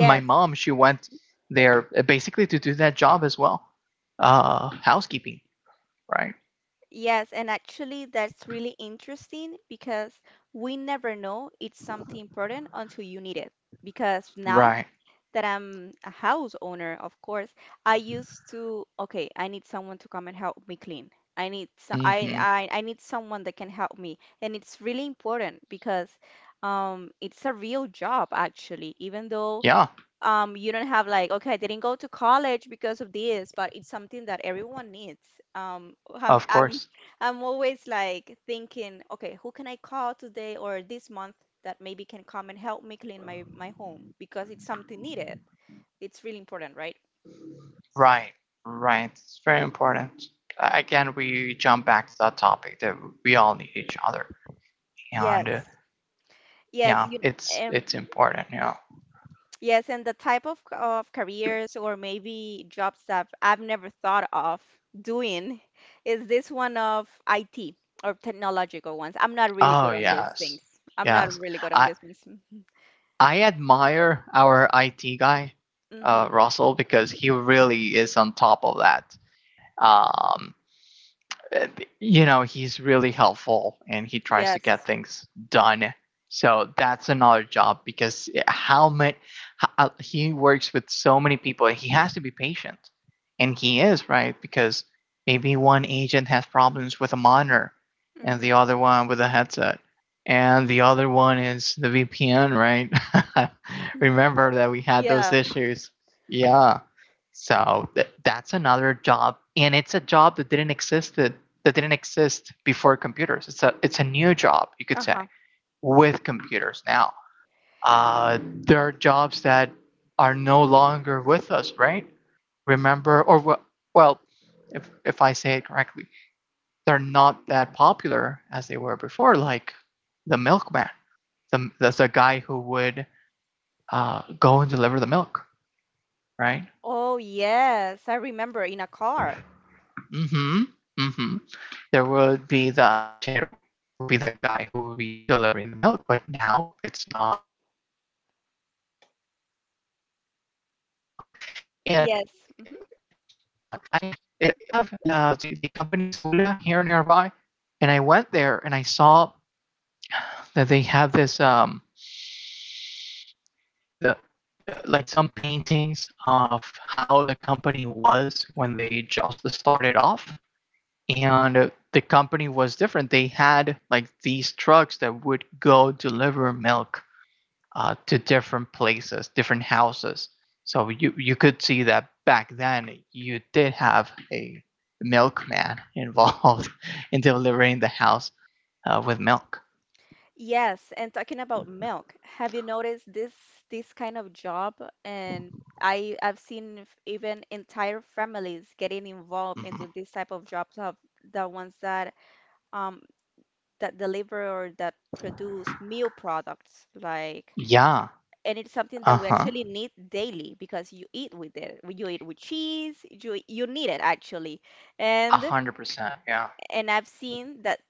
[SPEAKER 1] my mom, she went there basically to do that job as well, housekeeping, right.
[SPEAKER 2] yes, and actually that's really interesting because we never know it's something important until you need it. Because now
[SPEAKER 1] Right.
[SPEAKER 2] that I'm a house owner, of course, I used to, okay, I need someone to come and help me clean. I need
[SPEAKER 1] Mm-hmm.
[SPEAKER 2] I need someone that can help me. And it's really important because it's a real job actually, even though
[SPEAKER 1] Yeah,
[SPEAKER 2] you don't have like, okay, I didn't go to college because of this, but it's something that everyone needs. Um, I'm,
[SPEAKER 1] of
[SPEAKER 2] I'm,
[SPEAKER 1] course.
[SPEAKER 2] I'm always like thinking, okay, who can I call today or this month that maybe can come and help me clean my home, because it's something needed. It's really important, right?
[SPEAKER 1] Right, right, it's very important. Again, we jump back to that topic that we all need each other, and
[SPEAKER 2] Yes. Yes,
[SPEAKER 1] yeah,
[SPEAKER 2] you, um,
[SPEAKER 1] it's important, yeah.
[SPEAKER 2] Yes, and the type of, c- of careers or maybe jobs that I've never thought of doing is this one of IT or technological ones. I'm not really
[SPEAKER 1] Oh
[SPEAKER 2] good on these
[SPEAKER 1] yes.
[SPEAKER 2] things. I'm not
[SPEAKER 1] Yes,
[SPEAKER 2] really good on
[SPEAKER 1] i
[SPEAKER 2] these ones.
[SPEAKER 1] I admire our IT guy,
[SPEAKER 2] hmm
[SPEAKER 1] Russell, because he really is on top of that. um you know, he's really helpful and he tries to get
[SPEAKER 2] Yes.
[SPEAKER 1] things done. So that's another job, because how many he works with so many people, he has to be patient, and he is right, because maybe one agent has problems with a monitor, and the
[SPEAKER 2] hmm
[SPEAKER 1] other one with a headset, and the other one is the VPN, right? Remember that we had those
[SPEAKER 2] Yeah.
[SPEAKER 1] issues. Yeah. So that's another job, and it's a job that didn't exist before computers. It's a new job you could say
[SPEAKER 2] Uh-huh.
[SPEAKER 1] with computers now. There are jobs that are no longer with us, right? Remember, or well, if I say it correctly, they're not that popular as they were before. Like the milkman, the that's a guy who would go and deliver the milk, right?
[SPEAKER 2] Oh, yes. I remember in a car.
[SPEAKER 1] Mm-hmm. Mm-hmm. There would be the lechero, would be that guy who would be delivering the milk, but now it's not. It's not a common thing. You go to the supermarket and you get your own milk. And
[SPEAKER 2] Yes.
[SPEAKER 1] I have the company Sula here nearby. And I went there and I saw that they have this, the, the, like some paintings of how the company was when they just started off. And the company was different. They had like these trucks that would go deliver milk to different places, different houses. So you could see that back then you did have a milkman involved in delivering the house with milk.
[SPEAKER 2] Yes, and talking about milk, have you noticed this this kind of job? And I I've seen f- even entire families getting involved
[SPEAKER 1] Hmm.
[SPEAKER 2] into this type of jobs of the ones that um that deliver or that produce meal products, like
[SPEAKER 1] Yeah.
[SPEAKER 2] and it's something
[SPEAKER 1] Uh
[SPEAKER 2] that we
[SPEAKER 1] huh.
[SPEAKER 2] actually need daily because you eat with it. You eat with cheese, you need it actually.
[SPEAKER 1] A
[SPEAKER 2] And
[SPEAKER 1] hundred percent. Yeah.
[SPEAKER 2] I've seen that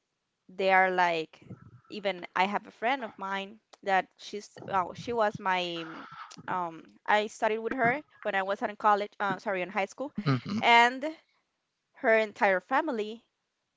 [SPEAKER 2] they are like even I have a friend of mine that she's oh, she was my I studied with her when I was in college sorry in high school,
[SPEAKER 1] Mm-hmm.
[SPEAKER 2] and her entire family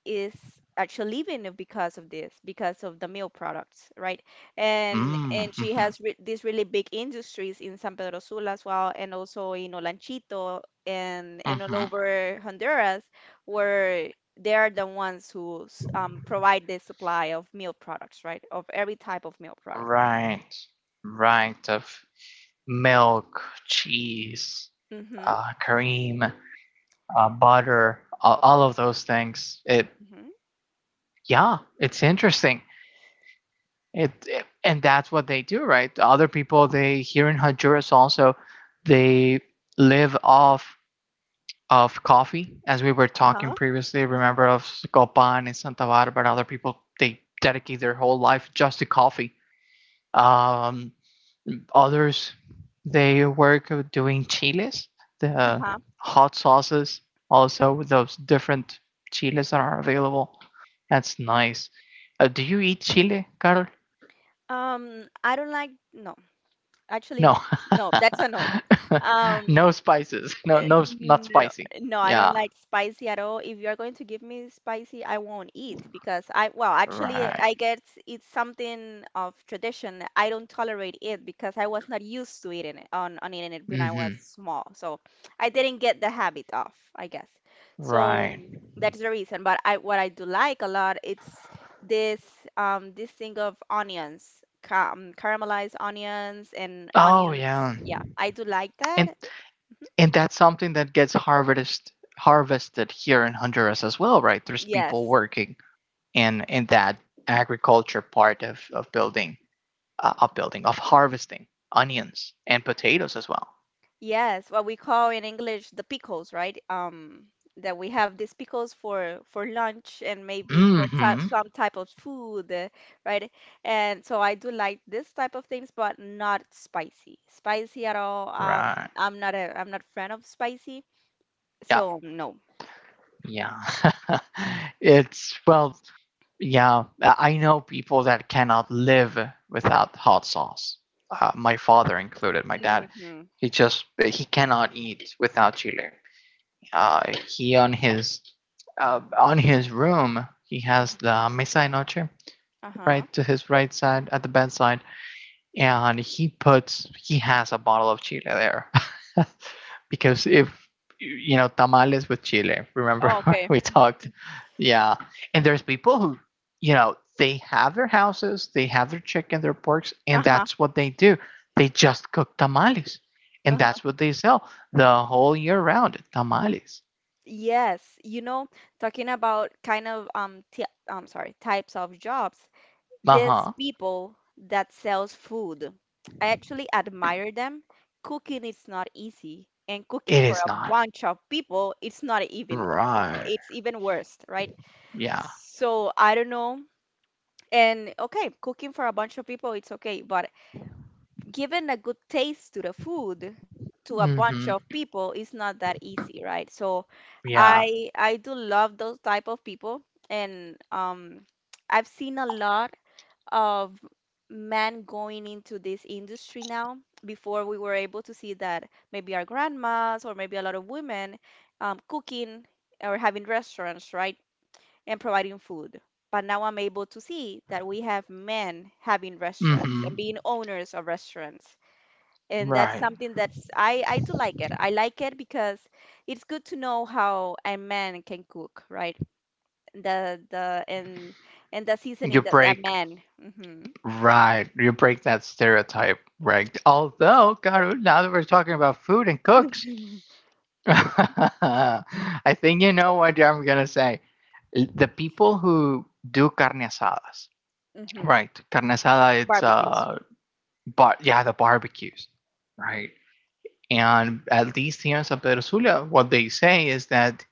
[SPEAKER 2] is actually leaving it because of this, because of the milk products, right? And
[SPEAKER 1] Mm-hmm.
[SPEAKER 2] she has re these really big industries in San Pedro Sula as well, and also in Olanchito and
[SPEAKER 1] Mm-hmm.
[SPEAKER 2] all over Honduras, where they are the ones who s- provide the supply of milk products, right? Of every type of milk product.
[SPEAKER 1] Right. Right. Of milk, cheese,
[SPEAKER 2] Mm-hmm.
[SPEAKER 1] cream, butter, all of those things. It.
[SPEAKER 2] Mm-hmm.
[SPEAKER 1] Yeah. It's interesting. And that's what they do, right? Other people, they here in Honduras also, they live off of coffee, as we were talking
[SPEAKER 2] Uh-huh.
[SPEAKER 1] previously. Remember of Copan and Santa Barbara. Other people they dedicate their whole life just to coffee. Um, Others, they work doing chiles, the
[SPEAKER 2] Uh-huh.
[SPEAKER 1] hot sauces. Also those different chiles that are available. That's nice. Do you eat chile, Carl?
[SPEAKER 2] I don't like, no, actually,
[SPEAKER 1] No,
[SPEAKER 2] no. No, that's a no. Um,
[SPEAKER 1] no spices. No, no, not
[SPEAKER 2] No,
[SPEAKER 1] spicy.
[SPEAKER 2] no, I don't
[SPEAKER 1] Yeah,
[SPEAKER 2] like spicy at all. If you're going to give me spicy, I won't eat because I, well, actually,
[SPEAKER 1] right.
[SPEAKER 2] I get it's something of tradition. I don't tolerate it because I was not used to eating it on eating it when I was
[SPEAKER 1] Hmm.
[SPEAKER 2] small. So I didn't get the habit of, I guess. So
[SPEAKER 1] Right.
[SPEAKER 2] that's the reason. But I, what I do like a lot, it's this, this thing of onions, caramelized onions and
[SPEAKER 1] Oh,
[SPEAKER 2] onions.
[SPEAKER 1] yeah.
[SPEAKER 2] Yeah, I do like
[SPEAKER 1] And
[SPEAKER 2] that.
[SPEAKER 1] and that's something that gets harvested here in Honduras as well, right? There's people
[SPEAKER 2] Yes.
[SPEAKER 1] working in that agriculture part of of building, of harvesting onions and potatoes as well.
[SPEAKER 2] Yes, what we call in English the pickles, right? That we have these pickles for lunch and maybe for
[SPEAKER 1] Hmm.
[SPEAKER 2] some type of food, right? And so I do like this type of things, but not spicy. Spicy at all.
[SPEAKER 1] Right.
[SPEAKER 2] I'm not a I'm not friend of spicy,
[SPEAKER 1] Yeah.
[SPEAKER 2] so no.
[SPEAKER 1] Yeah. it's well, Yeah, I know people that cannot live without hot sauce. My father included, my dad.
[SPEAKER 2] hmm
[SPEAKER 1] He cannot eat without chili. Uh, he on his room, he has the mesa de noche,
[SPEAKER 2] Uh-huh.
[SPEAKER 1] right, to his right side at the bedside, and he has a bottle of chile there. Because if you know, tamales with chile, remember,
[SPEAKER 2] Oh, okay.
[SPEAKER 1] we talked. Yeah. And there's people who they have their houses, they have their chicken, their porks, and
[SPEAKER 2] Uh-huh.
[SPEAKER 1] that's what they do. They just cook tamales, and
[SPEAKER 2] Uh-huh.
[SPEAKER 1] that's what they sell, the whole year round, tamales.
[SPEAKER 2] Yes, you know, talking about types of jobs. These
[SPEAKER 1] Uh-huh.
[SPEAKER 2] people that sells food. I actually admire them. Cooking is not easy, and cooking
[SPEAKER 1] It
[SPEAKER 2] for
[SPEAKER 1] is
[SPEAKER 2] a
[SPEAKER 1] not.
[SPEAKER 2] bunch of people, it's not even
[SPEAKER 1] Right.
[SPEAKER 2] it's even worse, right?
[SPEAKER 1] Yeah.
[SPEAKER 2] So I don't know. And okay, cooking for a bunch of people, it's okay, but giving a good taste to the food to a
[SPEAKER 1] Mm-hmm.
[SPEAKER 2] bunch of people is not that easy, right? So
[SPEAKER 1] Yeah.
[SPEAKER 2] I do love those type of people, and I've seen a lot of men going into this industry now. Before we were able to see that maybe our grandmas or maybe a lot of women cooking or having restaurants, right, and providing food. But now I'm able to see that we have men having restaurants and
[SPEAKER 1] Mm-hmm.
[SPEAKER 2] being owners of restaurants. And that's
[SPEAKER 1] Right.
[SPEAKER 2] something I do like it. I like it because it's good to know how a man can cook, right? The And the
[SPEAKER 1] you
[SPEAKER 2] seasoning that a
[SPEAKER 1] break
[SPEAKER 2] man.
[SPEAKER 1] Right. You break that stereotype, right? Although, God, now that we're talking about food and cooks,
[SPEAKER 2] Hmm Uh-huh.
[SPEAKER 1] I think you know what I'm going to say. The people who do carne asadas,
[SPEAKER 2] Mm-hmm.
[SPEAKER 1] right? Carne asada, it's,
[SPEAKER 2] Barbecues.
[SPEAKER 1] yeah, the barbecues, right? And at least here in San Pedro Sula, what they say is that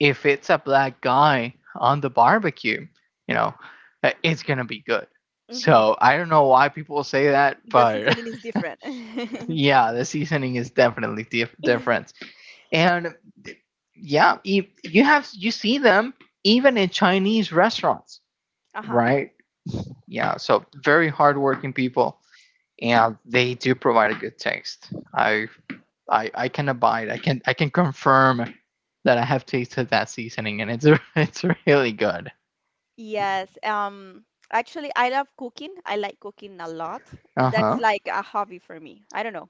[SPEAKER 1] if it's a black guy on the barbecue, you know, it's gonna be good.
[SPEAKER 2] Mm-hmm.
[SPEAKER 1] So I don't know why people say that,
[SPEAKER 2] The
[SPEAKER 1] but
[SPEAKER 2] seasoning is different.
[SPEAKER 1] yeah, the seasoning is definitely dif- different. And yeah, if you have you see them even in Chinese restaurants,
[SPEAKER 2] Uh-huh.
[SPEAKER 1] right? Yeah, so very hardworking people, and they do provide a good taste. I can abide. I can confirm that I have tasted that seasoning, and it's it's really good.
[SPEAKER 2] Yes. Actually, I love cooking. I like cooking a lot.
[SPEAKER 1] Uh
[SPEAKER 2] That's
[SPEAKER 1] huh.
[SPEAKER 2] like a hobby for me. I don't know.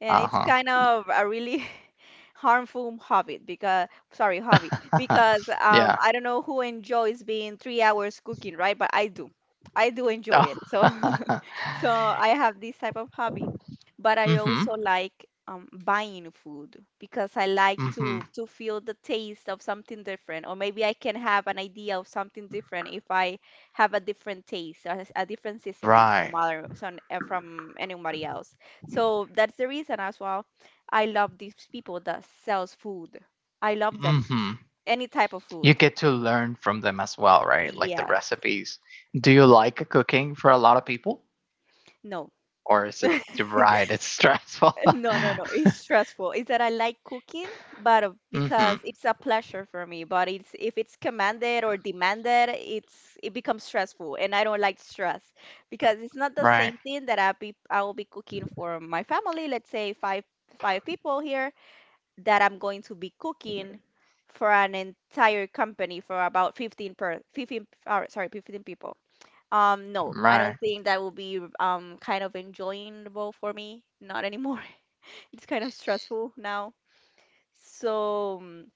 [SPEAKER 2] And it's
[SPEAKER 1] Uh
[SPEAKER 2] kind of a really harmful hobby because, sorry, hobby,
[SPEAKER 1] huh.
[SPEAKER 2] because um,
[SPEAKER 1] Yeah.
[SPEAKER 2] I don't know who enjoys being 3 hours cooking, right? But I do. I do
[SPEAKER 1] Uh,
[SPEAKER 2] enjoy it. So so I have this type of hobby, but I
[SPEAKER 1] mm-hmm.
[SPEAKER 2] also like buying food because I like
[SPEAKER 1] Mm-hmm.
[SPEAKER 2] to feel the taste of something different, or maybe I can have an idea of something different if I have a different taste, a different seasoning
[SPEAKER 1] Right.
[SPEAKER 2] from from anybody else. So that's the reason as well. I love these people that sells food. I love them,
[SPEAKER 1] Mm-hmm.
[SPEAKER 2] any type of
[SPEAKER 1] You
[SPEAKER 2] food.
[SPEAKER 1] get to learn from them as well, right? Like the
[SPEAKER 2] Yes.
[SPEAKER 1] recipes. Do you like cooking for a lot of people,
[SPEAKER 2] No.
[SPEAKER 1] or is it, right? It's stressful.
[SPEAKER 2] No, no, no. It's stressful. It's that I like cooking, but because
[SPEAKER 1] Mm-hmm.
[SPEAKER 2] it's a pleasure for me. But it's if it's commanded or demanded, it becomes stressful, and I don't like stress because it's not the
[SPEAKER 1] Right.
[SPEAKER 2] same thing that I will be cooking for my family. Let's say five people here that I'm going to be cooking for an entire company for about 15 per 15 or, sorry 15 people. No, I
[SPEAKER 1] Right.
[SPEAKER 2] don't think that will be kind of enjoyable for me. Not anymore. It's kind of stressful now. So, mm,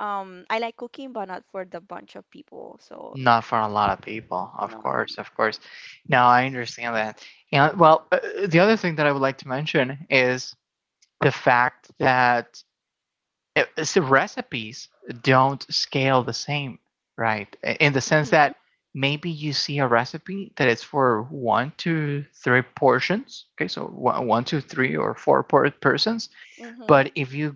[SPEAKER 2] um, I like cooking, but not for the bunch of people. So,
[SPEAKER 1] Not for a lot of people, of
[SPEAKER 2] no, no,
[SPEAKER 1] course.
[SPEAKER 2] no.
[SPEAKER 1] Of course. Now I understand that. And well, the other thing that I would like to mention is the fact that it- it's the recipes don't scale the same, right? In the sense
[SPEAKER 2] Hmm.
[SPEAKER 1] that maybe you see a recipe that is for one to three portions, okay, so one to three or four per persons,
[SPEAKER 2] Hmm.
[SPEAKER 1] but if you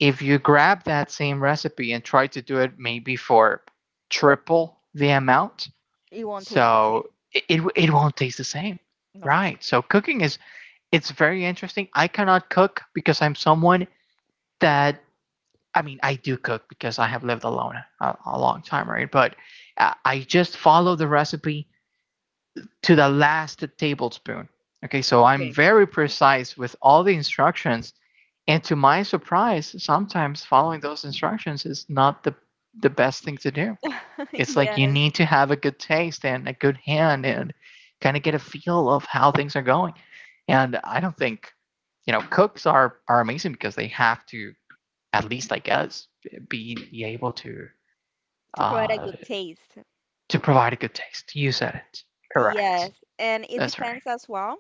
[SPEAKER 1] if you grab that same recipe and try to do it maybe for triple the amount,
[SPEAKER 2] It won't taste the same.
[SPEAKER 1] so it won't taste the same,
[SPEAKER 2] No.
[SPEAKER 1] right? So cooking is it's very interesting. I cannot cook because I'm someone that, I mean, I do cook because I have lived alone a long time,
[SPEAKER 2] Hmm.
[SPEAKER 1] right? But I just follow the recipe to the last tablespoon. Okay, so I'm
[SPEAKER 2] Okay.
[SPEAKER 1] very precise with all the instructions. And to my surprise, sometimes following those instructions is not the best thing to do. It's like
[SPEAKER 2] Yes,
[SPEAKER 1] you need to have a good taste and a good hand and kind of get a feel of how things are going. And I don't think, you know, cooks are, amazing because they have to, at least I guess, be able
[SPEAKER 2] to provide a
[SPEAKER 1] uh,
[SPEAKER 2] good taste.
[SPEAKER 1] to provide a good taste. You said it. Correct.
[SPEAKER 2] Yes, and it
[SPEAKER 1] That's right.
[SPEAKER 2] depends as well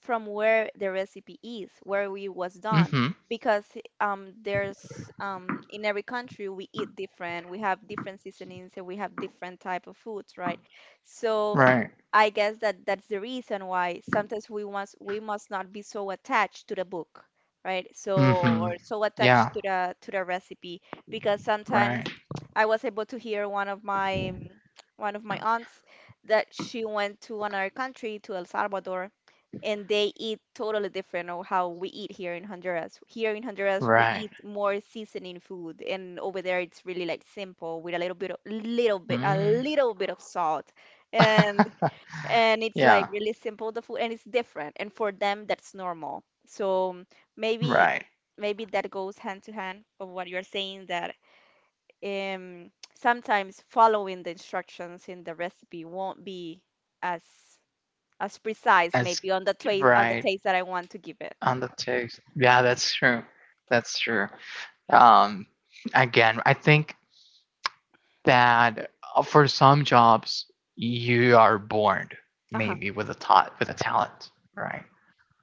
[SPEAKER 2] from where the recipe is, where it was done.
[SPEAKER 1] Mm-hmm.
[SPEAKER 2] Because there's in every country we eat different, we have different seasonings, and we have different type of foods, right? So
[SPEAKER 1] Right.
[SPEAKER 2] I guess that that's the reason why sometimes we must not be so attached to the book, right? So
[SPEAKER 1] Mm-hmm.
[SPEAKER 2] or so
[SPEAKER 1] Yeah.
[SPEAKER 2] attached to the recipe because sometimes
[SPEAKER 1] Right.
[SPEAKER 2] I was able to hear one of my aunts that she went to another country to El Salvador and they eat totally different of how we eat here in Honduras. Here in Honduras, we
[SPEAKER 1] Right.
[SPEAKER 2] eat more seasoning food, and over there it's really like simple with a
[SPEAKER 1] Mm.
[SPEAKER 2] little bit of salt, and and it's like
[SPEAKER 1] Yeah.
[SPEAKER 2] really simple the food, and it's different, and for them that's normal. So maybe
[SPEAKER 1] Right.
[SPEAKER 2] maybe that goes hand to hand of what you're saying that sometimes following the instructions in the recipe won't be as as precise
[SPEAKER 1] That's
[SPEAKER 2] maybe on the
[SPEAKER 1] right,
[SPEAKER 2] taste that I want to give it.
[SPEAKER 1] on the taste. Yeah, that's true. That's true. Um, Again, I think that for some jobs you are born
[SPEAKER 2] Uh-huh.
[SPEAKER 1] maybe with with a talent, right?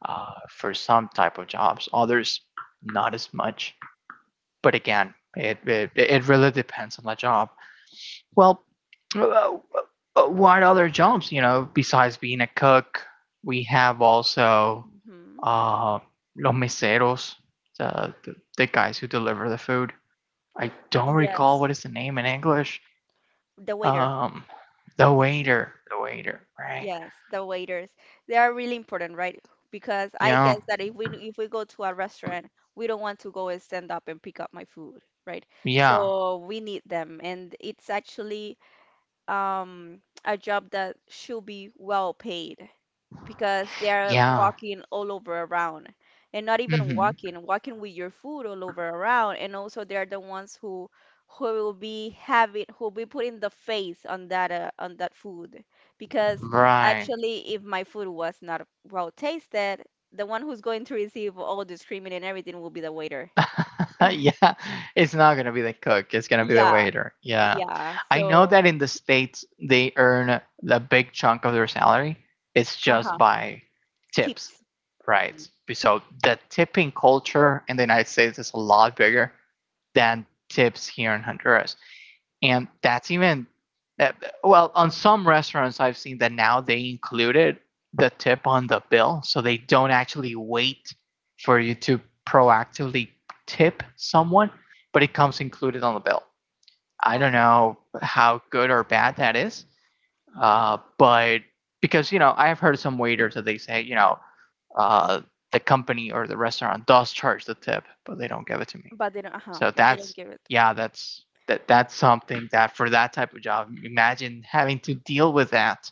[SPEAKER 1] For some type of jobs. Others, not as much. But again, it really depends on the job. Well, uh, what other jobs? You know, besides being a cook, we have also
[SPEAKER 2] Hmm.
[SPEAKER 1] uh, los meseros, the guys who deliver the food. I don't recall
[SPEAKER 2] Yes,
[SPEAKER 1] what is the name in English.
[SPEAKER 2] the waiter.
[SPEAKER 1] Um, the waiter, right?
[SPEAKER 2] Yes, the waiters. They are really important, right? Because I
[SPEAKER 1] Yeah,
[SPEAKER 2] guess that if we go to a restaurant, we don't want to go and stand up and pick up my food, right?
[SPEAKER 1] yeah,
[SPEAKER 2] So we need them, and it's actually a job that should be well paid. Because they are
[SPEAKER 1] yeah.
[SPEAKER 2] walking all over around and not even
[SPEAKER 1] Mm-hmm.
[SPEAKER 2] walking, walking with your food all over around. And also they are the ones who will be putting the face on that food because
[SPEAKER 1] Right.
[SPEAKER 2] actually if my food was not well tasted, the one who's going to receive all the screaming and everything will be the waiter.
[SPEAKER 1] Yeah, it's not gonna be the cook. It's gonna be the
[SPEAKER 2] Yeah,
[SPEAKER 1] waiter. Yeah,
[SPEAKER 2] yeah.
[SPEAKER 1] I know
[SPEAKER 2] So,
[SPEAKER 1] that in the states they earn the big chunk of their salary. It's just
[SPEAKER 2] uh-huh.
[SPEAKER 1] by tips,
[SPEAKER 2] Tips. Hmm.
[SPEAKER 1] right? So the tipping culture in the United States is a lot bigger than tips here in Honduras, and that's even uh, well, on some restaurants I've seen that now they included the tip on the bill, so they don't actually wait for you to proactively tip someone, but it comes included on the bill. I don't
[SPEAKER 2] Okay.
[SPEAKER 1] know how good or bad that is. But because I've heard some waiters that they say, uh, the company or the restaurant does charge the tip, but they don't give it to me.
[SPEAKER 2] But they don't, uh-huh.
[SPEAKER 1] So
[SPEAKER 2] But they don't
[SPEAKER 1] that's,
[SPEAKER 2] give it to me.
[SPEAKER 1] yeah, that's something that, for that type of job, imagine having to deal with that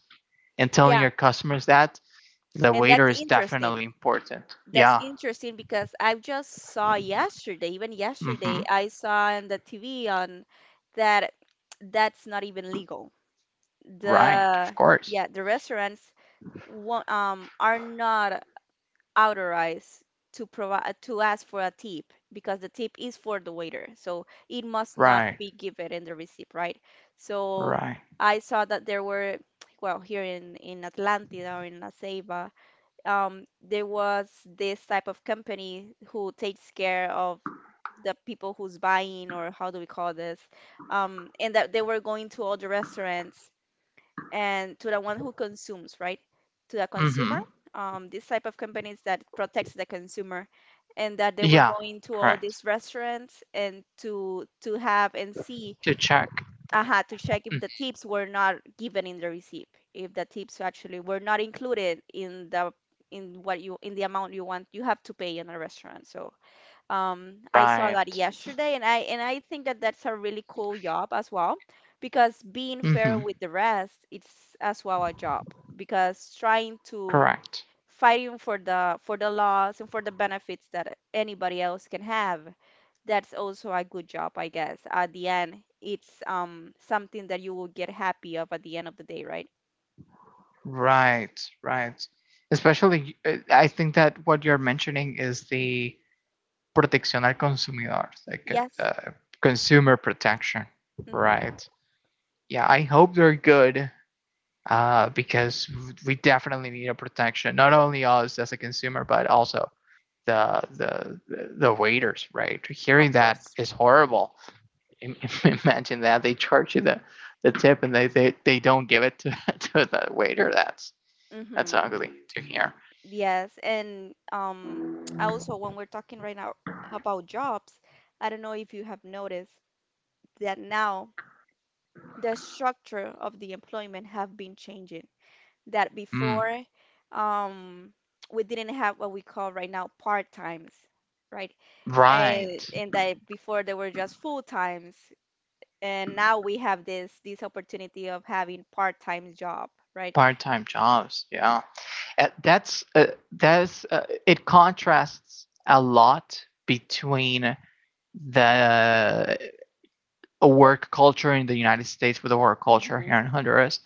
[SPEAKER 1] and telling
[SPEAKER 2] Yeah,
[SPEAKER 1] your customers that the
[SPEAKER 2] and
[SPEAKER 1] waiter
[SPEAKER 2] that's
[SPEAKER 1] is
[SPEAKER 2] interesting.
[SPEAKER 1] definitely important.
[SPEAKER 2] That's
[SPEAKER 1] Yeah.
[SPEAKER 2] interesting because I just saw yesterday, even
[SPEAKER 1] Mm-hmm.
[SPEAKER 2] yesterday, I saw on the TV on that that's not even legal.
[SPEAKER 1] Right.
[SPEAKER 2] The
[SPEAKER 1] Of course.
[SPEAKER 2] yeah, the restaurants won't, are not authorized to provide to ask for a tip because the tip is for the waiter, so it must not
[SPEAKER 1] Right.
[SPEAKER 2] be given in the receipt, right? So
[SPEAKER 1] Right.
[SPEAKER 2] I saw that there were well here in Atlanta or in La Ceiba there was this type of company who takes care of the people who's buying, or how do we call this? And that they were going to all the restaurants and to the one who consumes, right? To the consumer,
[SPEAKER 1] Mm-hmm.
[SPEAKER 2] this type of companies that protects the consumer, and that they were
[SPEAKER 1] Yeah.
[SPEAKER 2] going to all
[SPEAKER 1] Correct.
[SPEAKER 2] these restaurants and to have and see
[SPEAKER 1] To check.
[SPEAKER 2] aha, to check if
[SPEAKER 1] Mm.
[SPEAKER 2] the tips were not given in the receipt, if the tips actually were not included in the in the amount you have to pay in a restaurant. So I saw
[SPEAKER 1] Right.
[SPEAKER 2] that yesterday, and I think that that's a really cool job as well, because being
[SPEAKER 1] Mm-hmm.
[SPEAKER 2] fair with the rest, it's as well a job because trying to
[SPEAKER 1] Correct.
[SPEAKER 2] fighting for the laws and for the benefits that anybody else can have. That's also a good job, I guess. At the end, it's something that you will get happy of at the end of the day, right?
[SPEAKER 1] Right. Right. Especially, I think that what you're mentioning is the protección al consumidor, like,
[SPEAKER 2] Yes,
[SPEAKER 1] consumer protection,
[SPEAKER 2] mm-hmm.
[SPEAKER 1] right? Yeah, I hope they're good, because we definitely need a protection, not only us as a consumer, but also the the the waiters, right?
[SPEAKER 2] Of
[SPEAKER 1] Hearing that
[SPEAKER 2] course.
[SPEAKER 1] is horrible. Imagine that they charge you the tip, and they don't give it to, to the waiter. That's
[SPEAKER 2] Mm-hmm.
[SPEAKER 1] ugly to hear.
[SPEAKER 2] Yes, and I also when we're talking right now about jobs, I don't know if you have noticed that now the structure of the employment have been changing, that
[SPEAKER 1] Mm,
[SPEAKER 2] before, um, we didn't have what we call right now part times, right?
[SPEAKER 1] right,
[SPEAKER 2] And that before they were just full times, and now we have this opportunity of having part time job, right?
[SPEAKER 1] part time jobs, yeah. Uh, that's uh, that's it contrasts a lot between the work culture in the United States with the work culture here
[SPEAKER 2] Mm-hmm,
[SPEAKER 1] in Honduras,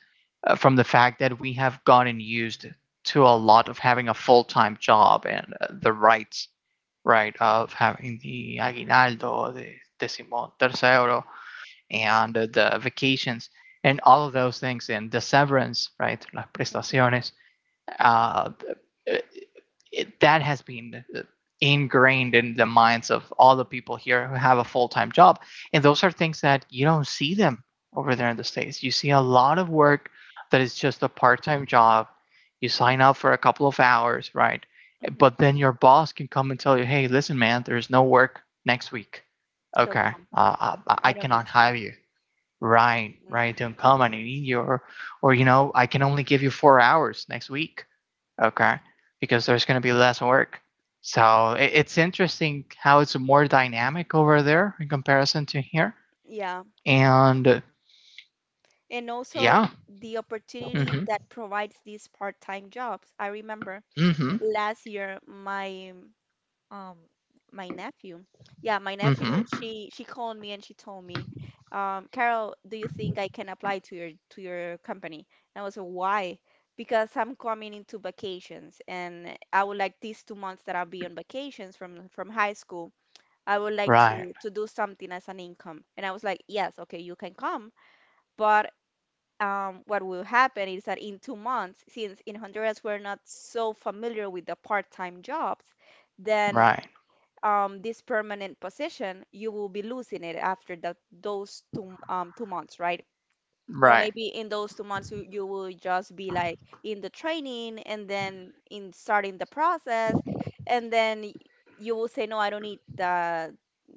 [SPEAKER 1] from the fact that we have gotten used to a lot of having a full-time job, and the rights, right, of having the aguinaldo, the decimo tercero, and the vacations and all of those things, and the severance, right, las
[SPEAKER 2] mm-hmm,
[SPEAKER 1] prestaciones. uh, that has been ingrained in the minds of all the people here who have a full-time job, and those are things that you don't see them over there in the states. You see a lot of work that is just a part-time job. You sign up for a couple of hours, right?
[SPEAKER 2] mm-hmm.
[SPEAKER 1] But then your boss can come and tell you, hey, listen, man, there's no work next week.
[SPEAKER 2] Don't
[SPEAKER 1] Okay,
[SPEAKER 2] come.
[SPEAKER 1] I
[SPEAKER 2] I don't need
[SPEAKER 1] cannot
[SPEAKER 2] you.
[SPEAKER 1] hire you, right.
[SPEAKER 2] Hmm.
[SPEAKER 1] Right, don't come, I need you. Or, I can only give you 4 hours next week. Okay, because there's going to be less work. So it's interesting how it's more dynamic over there in comparison to here.
[SPEAKER 2] Yeah.
[SPEAKER 1] And
[SPEAKER 2] And also
[SPEAKER 1] yeah.
[SPEAKER 2] the opportunity
[SPEAKER 1] Mm-hmm.
[SPEAKER 2] that provides these part-time jobs. I remember
[SPEAKER 1] Mm-hmm.
[SPEAKER 2] last year Um, my nephew. Yeah, my nephew,
[SPEAKER 1] Mm-hmm.
[SPEAKER 2] she called me and she told me, Carol, do you think I can apply to your company? And I was like, why? Because I'm coming into vacations and I would like these 2 months that I'll be on vacations from high school, I would like to
[SPEAKER 1] Right.
[SPEAKER 2] to do something as an income. And I was like, yes, okay, you can come, but what will happen is that in 2 months, since in Honduras we're not so familiar with the part-time jobs, then
[SPEAKER 1] Right.
[SPEAKER 2] this permanent position, you will be losing it after that those two 2 months, right? Or
[SPEAKER 1] Right.
[SPEAKER 2] maybe in those 2 months, you will just be like in the training and then in starting the process, and then you will say, no, I don't need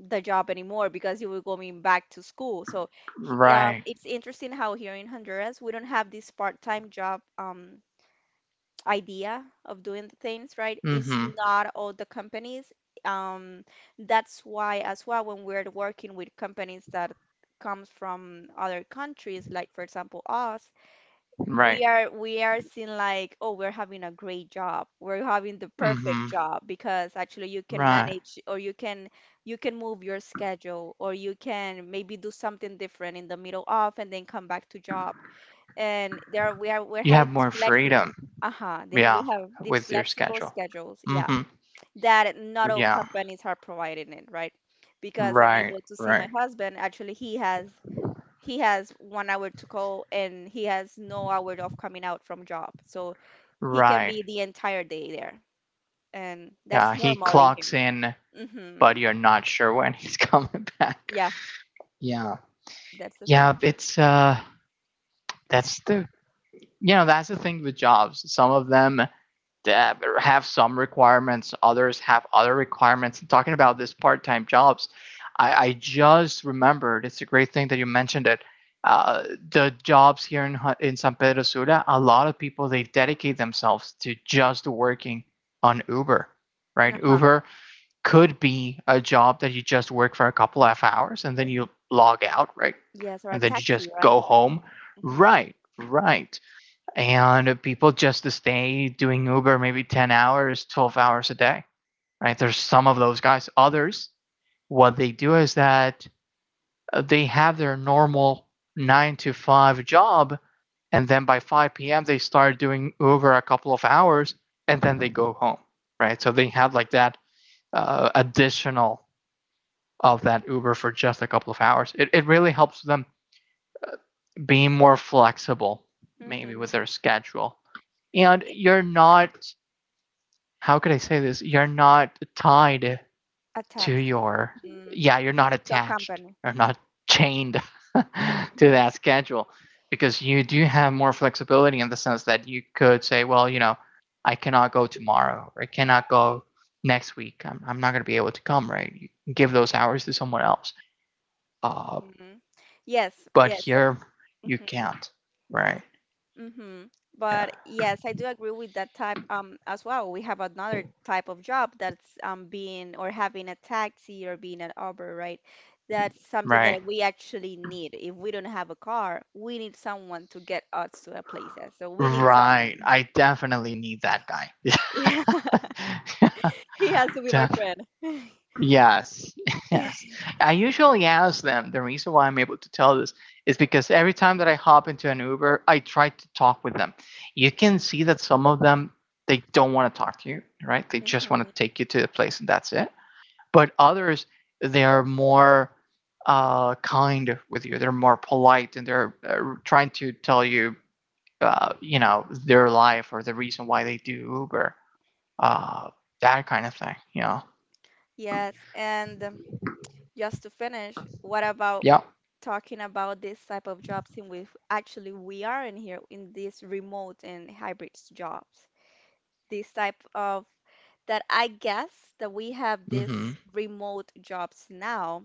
[SPEAKER 2] the job anymore because you will going back to school. So,
[SPEAKER 1] Right.
[SPEAKER 2] it's interesting how here in Honduras we don't have this part-time job. Idea of doing the things right is
[SPEAKER 1] Mm-hmm.
[SPEAKER 2] not all the companies. um, that's why as well when we're working with companies that comes from other countries, like for example us,
[SPEAKER 1] Right.
[SPEAKER 2] we are seeing like, oh, we're having a great job, we're having the perfect
[SPEAKER 1] Mm-hmm.
[SPEAKER 2] job, because actually you can
[SPEAKER 1] Right.
[SPEAKER 2] manage or you can move your schedule, or you can maybe do something different in the middle of and then come back to job. And there we are, we're
[SPEAKER 1] You
[SPEAKER 2] having
[SPEAKER 1] have
[SPEAKER 2] this
[SPEAKER 1] more
[SPEAKER 2] flexible.
[SPEAKER 1] freedom.
[SPEAKER 2] Uh-huh. We
[SPEAKER 1] Yeah,
[SPEAKER 2] have these
[SPEAKER 1] with your
[SPEAKER 2] flexible
[SPEAKER 1] schedule.
[SPEAKER 2] schedules, yeah,
[SPEAKER 1] Mm-hmm.
[SPEAKER 2] that not all
[SPEAKER 1] Yeah.
[SPEAKER 2] companies are providing it, right? Because I'm
[SPEAKER 1] Right.
[SPEAKER 2] able to see
[SPEAKER 1] Right.
[SPEAKER 2] my husband, actually he has 1 hour to go and he has no hour of coming out from job. So he can be
[SPEAKER 1] Right.
[SPEAKER 2] the entire day there, and that's
[SPEAKER 1] Yeah, he
[SPEAKER 2] normally
[SPEAKER 1] clocks
[SPEAKER 2] here.
[SPEAKER 1] in,
[SPEAKER 2] Mm-hmm.
[SPEAKER 1] but you're not sure when he's coming back.
[SPEAKER 2] Yeah,
[SPEAKER 1] Yeah.
[SPEAKER 2] that's the thing.
[SPEAKER 1] Yeah, it's that's the you know, that's the thing with jobs. Some of them have some requirements, others have other requirements. And talking about this part-time jobs, I just remembered, it's a great thing that you mentioned it. Uh, the jobs here in San Pedro Sula, a lot of people, they dedicate themselves to just working on Uber, right?
[SPEAKER 2] Uh-huh.
[SPEAKER 1] Uber could be a job that you just work for a couple of hours, and then you log out, right?
[SPEAKER 2] Yes, or a
[SPEAKER 1] And then you just
[SPEAKER 2] taxi, right.
[SPEAKER 1] go home.
[SPEAKER 2] Mm-hmm.
[SPEAKER 1] Right, right. And people just stay doing Uber maybe 10 hours, 12 hours a day, right? There's some of those guys. Others, what they do is that they have their normal 9 to 5 job. And then by 5 p.m., they start doing Uber a couple of hours, and then they go home, right? So they have like that additional of that Uber for just a couple of hours. It really helps them be more flexible, maybe with
[SPEAKER 2] Mm-hmm.
[SPEAKER 1] their schedule. And
[SPEAKER 2] Yeah.
[SPEAKER 1] you're not, how could I say this? You're not tied to
[SPEAKER 2] Attached.
[SPEAKER 1] your,
[SPEAKER 2] Hmm.
[SPEAKER 1] yeah, you're not
[SPEAKER 2] To a
[SPEAKER 1] attached
[SPEAKER 2] company.
[SPEAKER 1] or not chained to
[SPEAKER 2] Mm-hmm.
[SPEAKER 1] that schedule, because you do have more flexibility in the sense that you could say, well, I cannot go tomorrow or I cannot go next week. I'm not going to be able to come, right? You give those hours to someone else. Uh,
[SPEAKER 2] Mm-hmm. Yes,
[SPEAKER 1] but
[SPEAKER 2] yes.
[SPEAKER 1] here, you
[SPEAKER 2] Mm-hmm.
[SPEAKER 1] can't. Right.
[SPEAKER 2] Mm-hmm.
[SPEAKER 1] Yeah.
[SPEAKER 2] But yes, I do agree with that type, as well. We have another type of job, that's being or having a taxi or being an Uber, right? That's something
[SPEAKER 1] Right.
[SPEAKER 2] that we actually need. If we don't have a car, we need someone to get us to a places. So we need
[SPEAKER 1] Right.
[SPEAKER 2] someone.
[SPEAKER 1] I definitely need that guy.
[SPEAKER 2] Yeah, he has to be my
[SPEAKER 1] Def-
[SPEAKER 2] friend.
[SPEAKER 1] yes. Yes. I usually ask them. The reason why I'm able to tell this is because every time that I hop into an Uber, I try to talk with them. You can see that some of them, they don't want to talk to you, right? They just want to
[SPEAKER 2] Hmm.
[SPEAKER 1] take you to the place, and that's it. But others, they are more kind with you. They're more polite, and they're trying to tell you, their life or the reason why they do Uber, uh, that kind of thing. You know.
[SPEAKER 2] Yes, and. Just to finish, what about
[SPEAKER 1] Yeah.
[SPEAKER 2] talking about this type of jobs in which actually we are in here in these remote and hybrid jobs? This type of, that I guess that we have
[SPEAKER 1] Mm-hmm.
[SPEAKER 2] this remote jobs now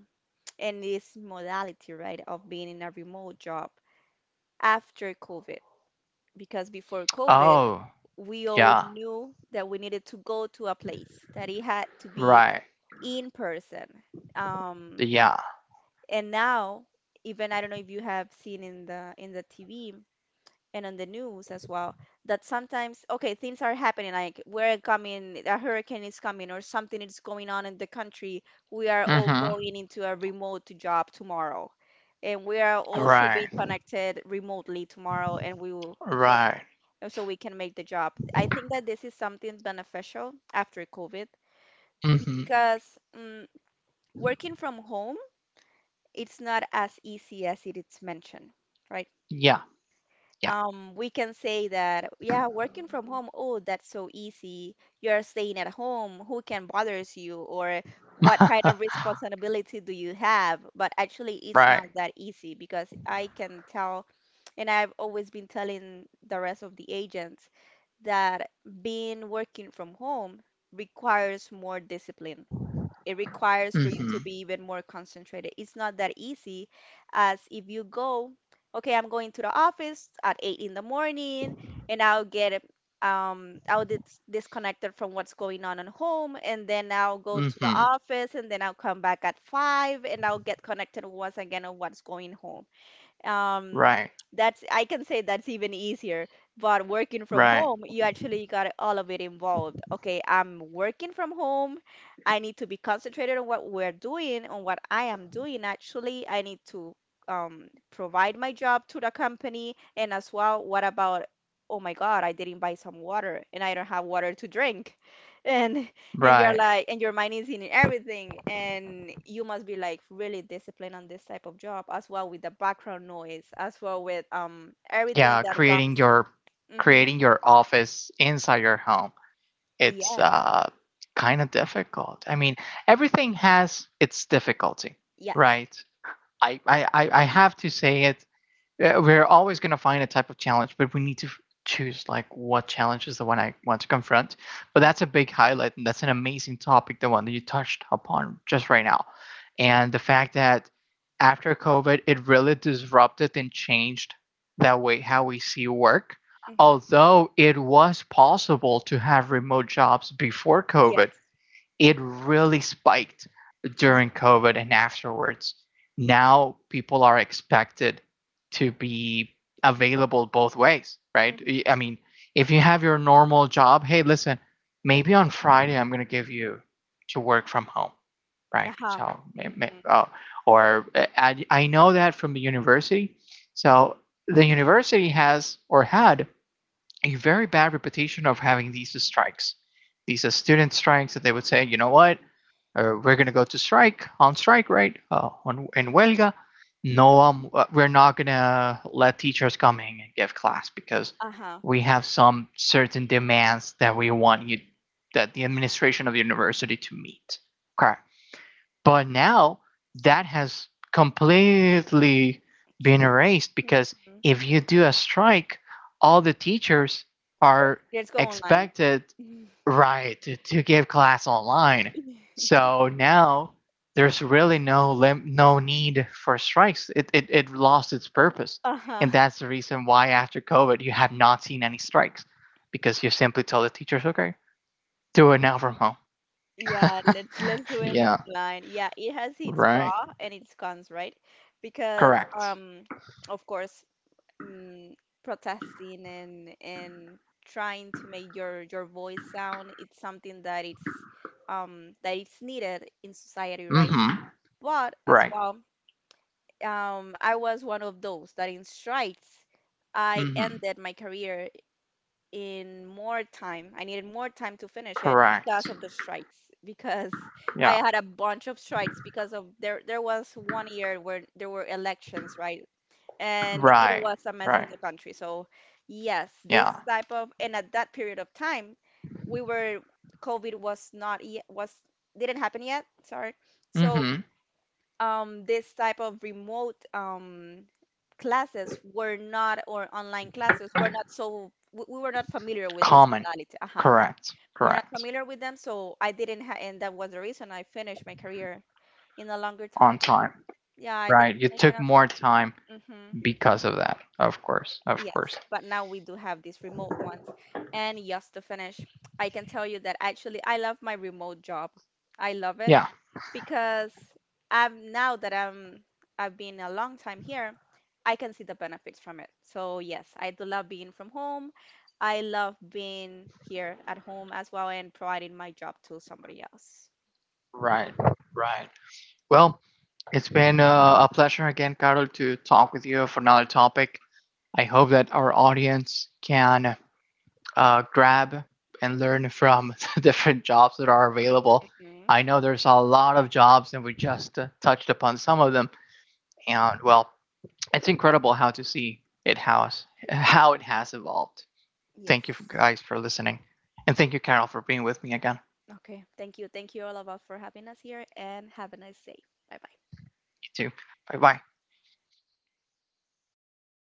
[SPEAKER 2] and this modality, right, of being in a remote job after COVID. Because before COVID,
[SPEAKER 1] Oh,
[SPEAKER 2] we all
[SPEAKER 1] yeah.
[SPEAKER 2] knew that we needed to go to a place, that it had to be
[SPEAKER 1] Right.
[SPEAKER 2] in person. Um,
[SPEAKER 1] Yeah.
[SPEAKER 2] And now, even I don't know if you have seen in the TV and on the news as well, that sometimes, okay, things are happening, like we're coming, a hurricane is coming or something is going on in the country, we are all
[SPEAKER 1] Mm-hmm.
[SPEAKER 2] going into a remote job tomorrow, and we are all should be
[SPEAKER 1] Right.
[SPEAKER 2] connected remotely tomorrow, and we will. So
[SPEAKER 1] Right.
[SPEAKER 2] so we can make the job. I think that this is something beneficial after COVID,
[SPEAKER 1] Mm-hmm.
[SPEAKER 2] because working from home, it's not as easy as it is mentioned, right?
[SPEAKER 1] Yeah. Yeah.
[SPEAKER 2] We can say that, yeah, working from home, oh, that's so easy. You're staying at home. Who can bothers you? Or what kind of responsibility do you have? But actually, it's
[SPEAKER 1] Right.
[SPEAKER 2] not that easy, because I can tell, and I've always been telling the rest of the agents that being working from home requires more discipline, it requires for you to
[SPEAKER 1] Mm-hmm.
[SPEAKER 2] be even more concentrated. It's not that easy as if you go, okay, I'm going to the office at 8 in the morning, and I'll get, I'll disconnected from what's going on at home, and then I'll go to the
[SPEAKER 1] Mm-hmm.
[SPEAKER 2] office, and then I'll come back at 5 and I'll get connected once again on what's going home. um
[SPEAKER 1] Right.
[SPEAKER 2] that's, I can say, that's even easier. But working from
[SPEAKER 1] Right.
[SPEAKER 2] home, you actually got all of it involved. Okay, I'm working from home. I need to be concentrated on what we're doing, on what I am doing actually. I need to, provide my job to the company. And as well, what about, oh my God, I didn't buy some water and I don't have water to drink. And and you're
[SPEAKER 1] Right.
[SPEAKER 2] like, and your mind is in everything, and you must be like really disciplined on this type of job as well, with the background noise as well, with everything
[SPEAKER 1] Yeah,
[SPEAKER 2] that comes. Mm-hmm.
[SPEAKER 1] creating your office inside your home, it's
[SPEAKER 2] Yes.
[SPEAKER 1] kind of difficult, I mean, everything has its difficulty,
[SPEAKER 2] Yes.
[SPEAKER 1] right? I have to say it. Yeah, we're always going to find a type of challenge, but we need to choose, like, what challenge is the one I want to confront. But that's a
[SPEAKER 2] Mm-hmm.
[SPEAKER 1] big highlight, and that's an amazing topic, the one that you touched upon just right now. And the fact that after COVID, it really disrupted and changed that way how we see work.
[SPEAKER 2] Mm-hmm.
[SPEAKER 1] Although it was possible to have remote jobs before COVID,
[SPEAKER 2] Yes.
[SPEAKER 1] it really spiked during
[SPEAKER 2] Mm-hmm.
[SPEAKER 1] COVID and afterwards. Now people are expected to be available both ways, right?
[SPEAKER 2] Mm-hmm.
[SPEAKER 1] I mean, if you have your normal job, hey, listen, maybe on Friday I'm going to give you to work from home, right?
[SPEAKER 2] Uh-huh.
[SPEAKER 1] So,
[SPEAKER 2] Mm-hmm.
[SPEAKER 1] oh, or, I know that from the university. So the university has or had a very bad reputation of having these strikes. These are student strikes that they would say, you know what, we're going to go to strike, on strike, right? On in huelga. No, we're not going to let teachers come in and give class, because
[SPEAKER 2] Uh-huh.
[SPEAKER 1] we have some certain demands that we want you, that the administration of the university, to meet. Okay, but now that has completely been
[SPEAKER 2] Change.
[SPEAKER 1] erased, because
[SPEAKER 2] Mm-hmm.
[SPEAKER 1] if you do a strike, all the teachers are
[SPEAKER 2] Let's go online.
[SPEAKER 1] expected, right, to, give class online. So now there's really no no need for strikes. It lost its purpose,
[SPEAKER 2] Uh-huh.
[SPEAKER 1] and that's the reason why after COVID you have not seen any strikes, because you simply told the teachers, okay, do it now from home.
[SPEAKER 2] Yeah, let's do it
[SPEAKER 1] Yeah,
[SPEAKER 2] online. Yeah, it has its pro
[SPEAKER 1] right,
[SPEAKER 2] and its cons, right? Because
[SPEAKER 1] correct.
[SPEAKER 2] of course, um, protesting, and trying to make your voice sound, it's something that, it's that it's needed in society, right?
[SPEAKER 1] Mm-hmm.
[SPEAKER 2] But as
[SPEAKER 1] Right.
[SPEAKER 2] well, I was one of those that in strikes, I
[SPEAKER 1] Mm-hmm.
[SPEAKER 2] ended my career in more time. I needed more time to finish it
[SPEAKER 1] Correct.
[SPEAKER 2] because of the strikes. Because I
[SPEAKER 1] Yeah.
[SPEAKER 2] had a bunch of strikes because of there was one year where there were elections, right? And it
[SPEAKER 1] Right.
[SPEAKER 2] was a mess on
[SPEAKER 1] Right.
[SPEAKER 2] the country. So yes, this
[SPEAKER 1] Yeah.
[SPEAKER 2] type of, and at that period of time, we were, COVID was not yet, was, didn't happen yet, sorry. So
[SPEAKER 1] Mm-hmm.
[SPEAKER 2] this type of remote, classes were not, or online classes were not, so, we were not familiar with this
[SPEAKER 1] Common.
[SPEAKER 2] modality. Uh-huh.
[SPEAKER 1] Correct.
[SPEAKER 2] We were not
[SPEAKER 1] Correct.
[SPEAKER 2] familiar with them, so I didn't ha and that was the reason I finished my career in a longer
[SPEAKER 1] On
[SPEAKER 2] time.
[SPEAKER 1] time.
[SPEAKER 2] Yeah, I didn't
[SPEAKER 1] Right. You
[SPEAKER 2] finish it
[SPEAKER 1] took
[SPEAKER 2] on
[SPEAKER 1] more
[SPEAKER 2] time.
[SPEAKER 1] time
[SPEAKER 2] Hmm.
[SPEAKER 1] because of that. Of course. Of course.
[SPEAKER 2] Yes, but now we do have these remote ones. And yes, to finish, I can tell you that actually I love my remote job. I love it.
[SPEAKER 1] Yeah.
[SPEAKER 2] Because I'm, now that I'm, I've been a long time here, I can see the benefits from it. So yes, I do love being from home. I love being here at home as well, and providing my job to somebody else.
[SPEAKER 1] Right. Right. Well, it's been a pleasure again, Carol, to talk with you for another topic. I hope that our audience can grab and learn from the different jobs that are available.
[SPEAKER 2] Hmm.
[SPEAKER 1] I know there's a lot of jobs, and we just touched upon some of them. And well, it's incredible how to see it, how it has evolved. Thank you
[SPEAKER 2] Yes.
[SPEAKER 1] guys for listening, and thank you, Carol, for being with me again.
[SPEAKER 2] Okay. Thank you. Thank you all of us for having us here and have a nice day. Bye bye.
[SPEAKER 1] You too. Bye bye.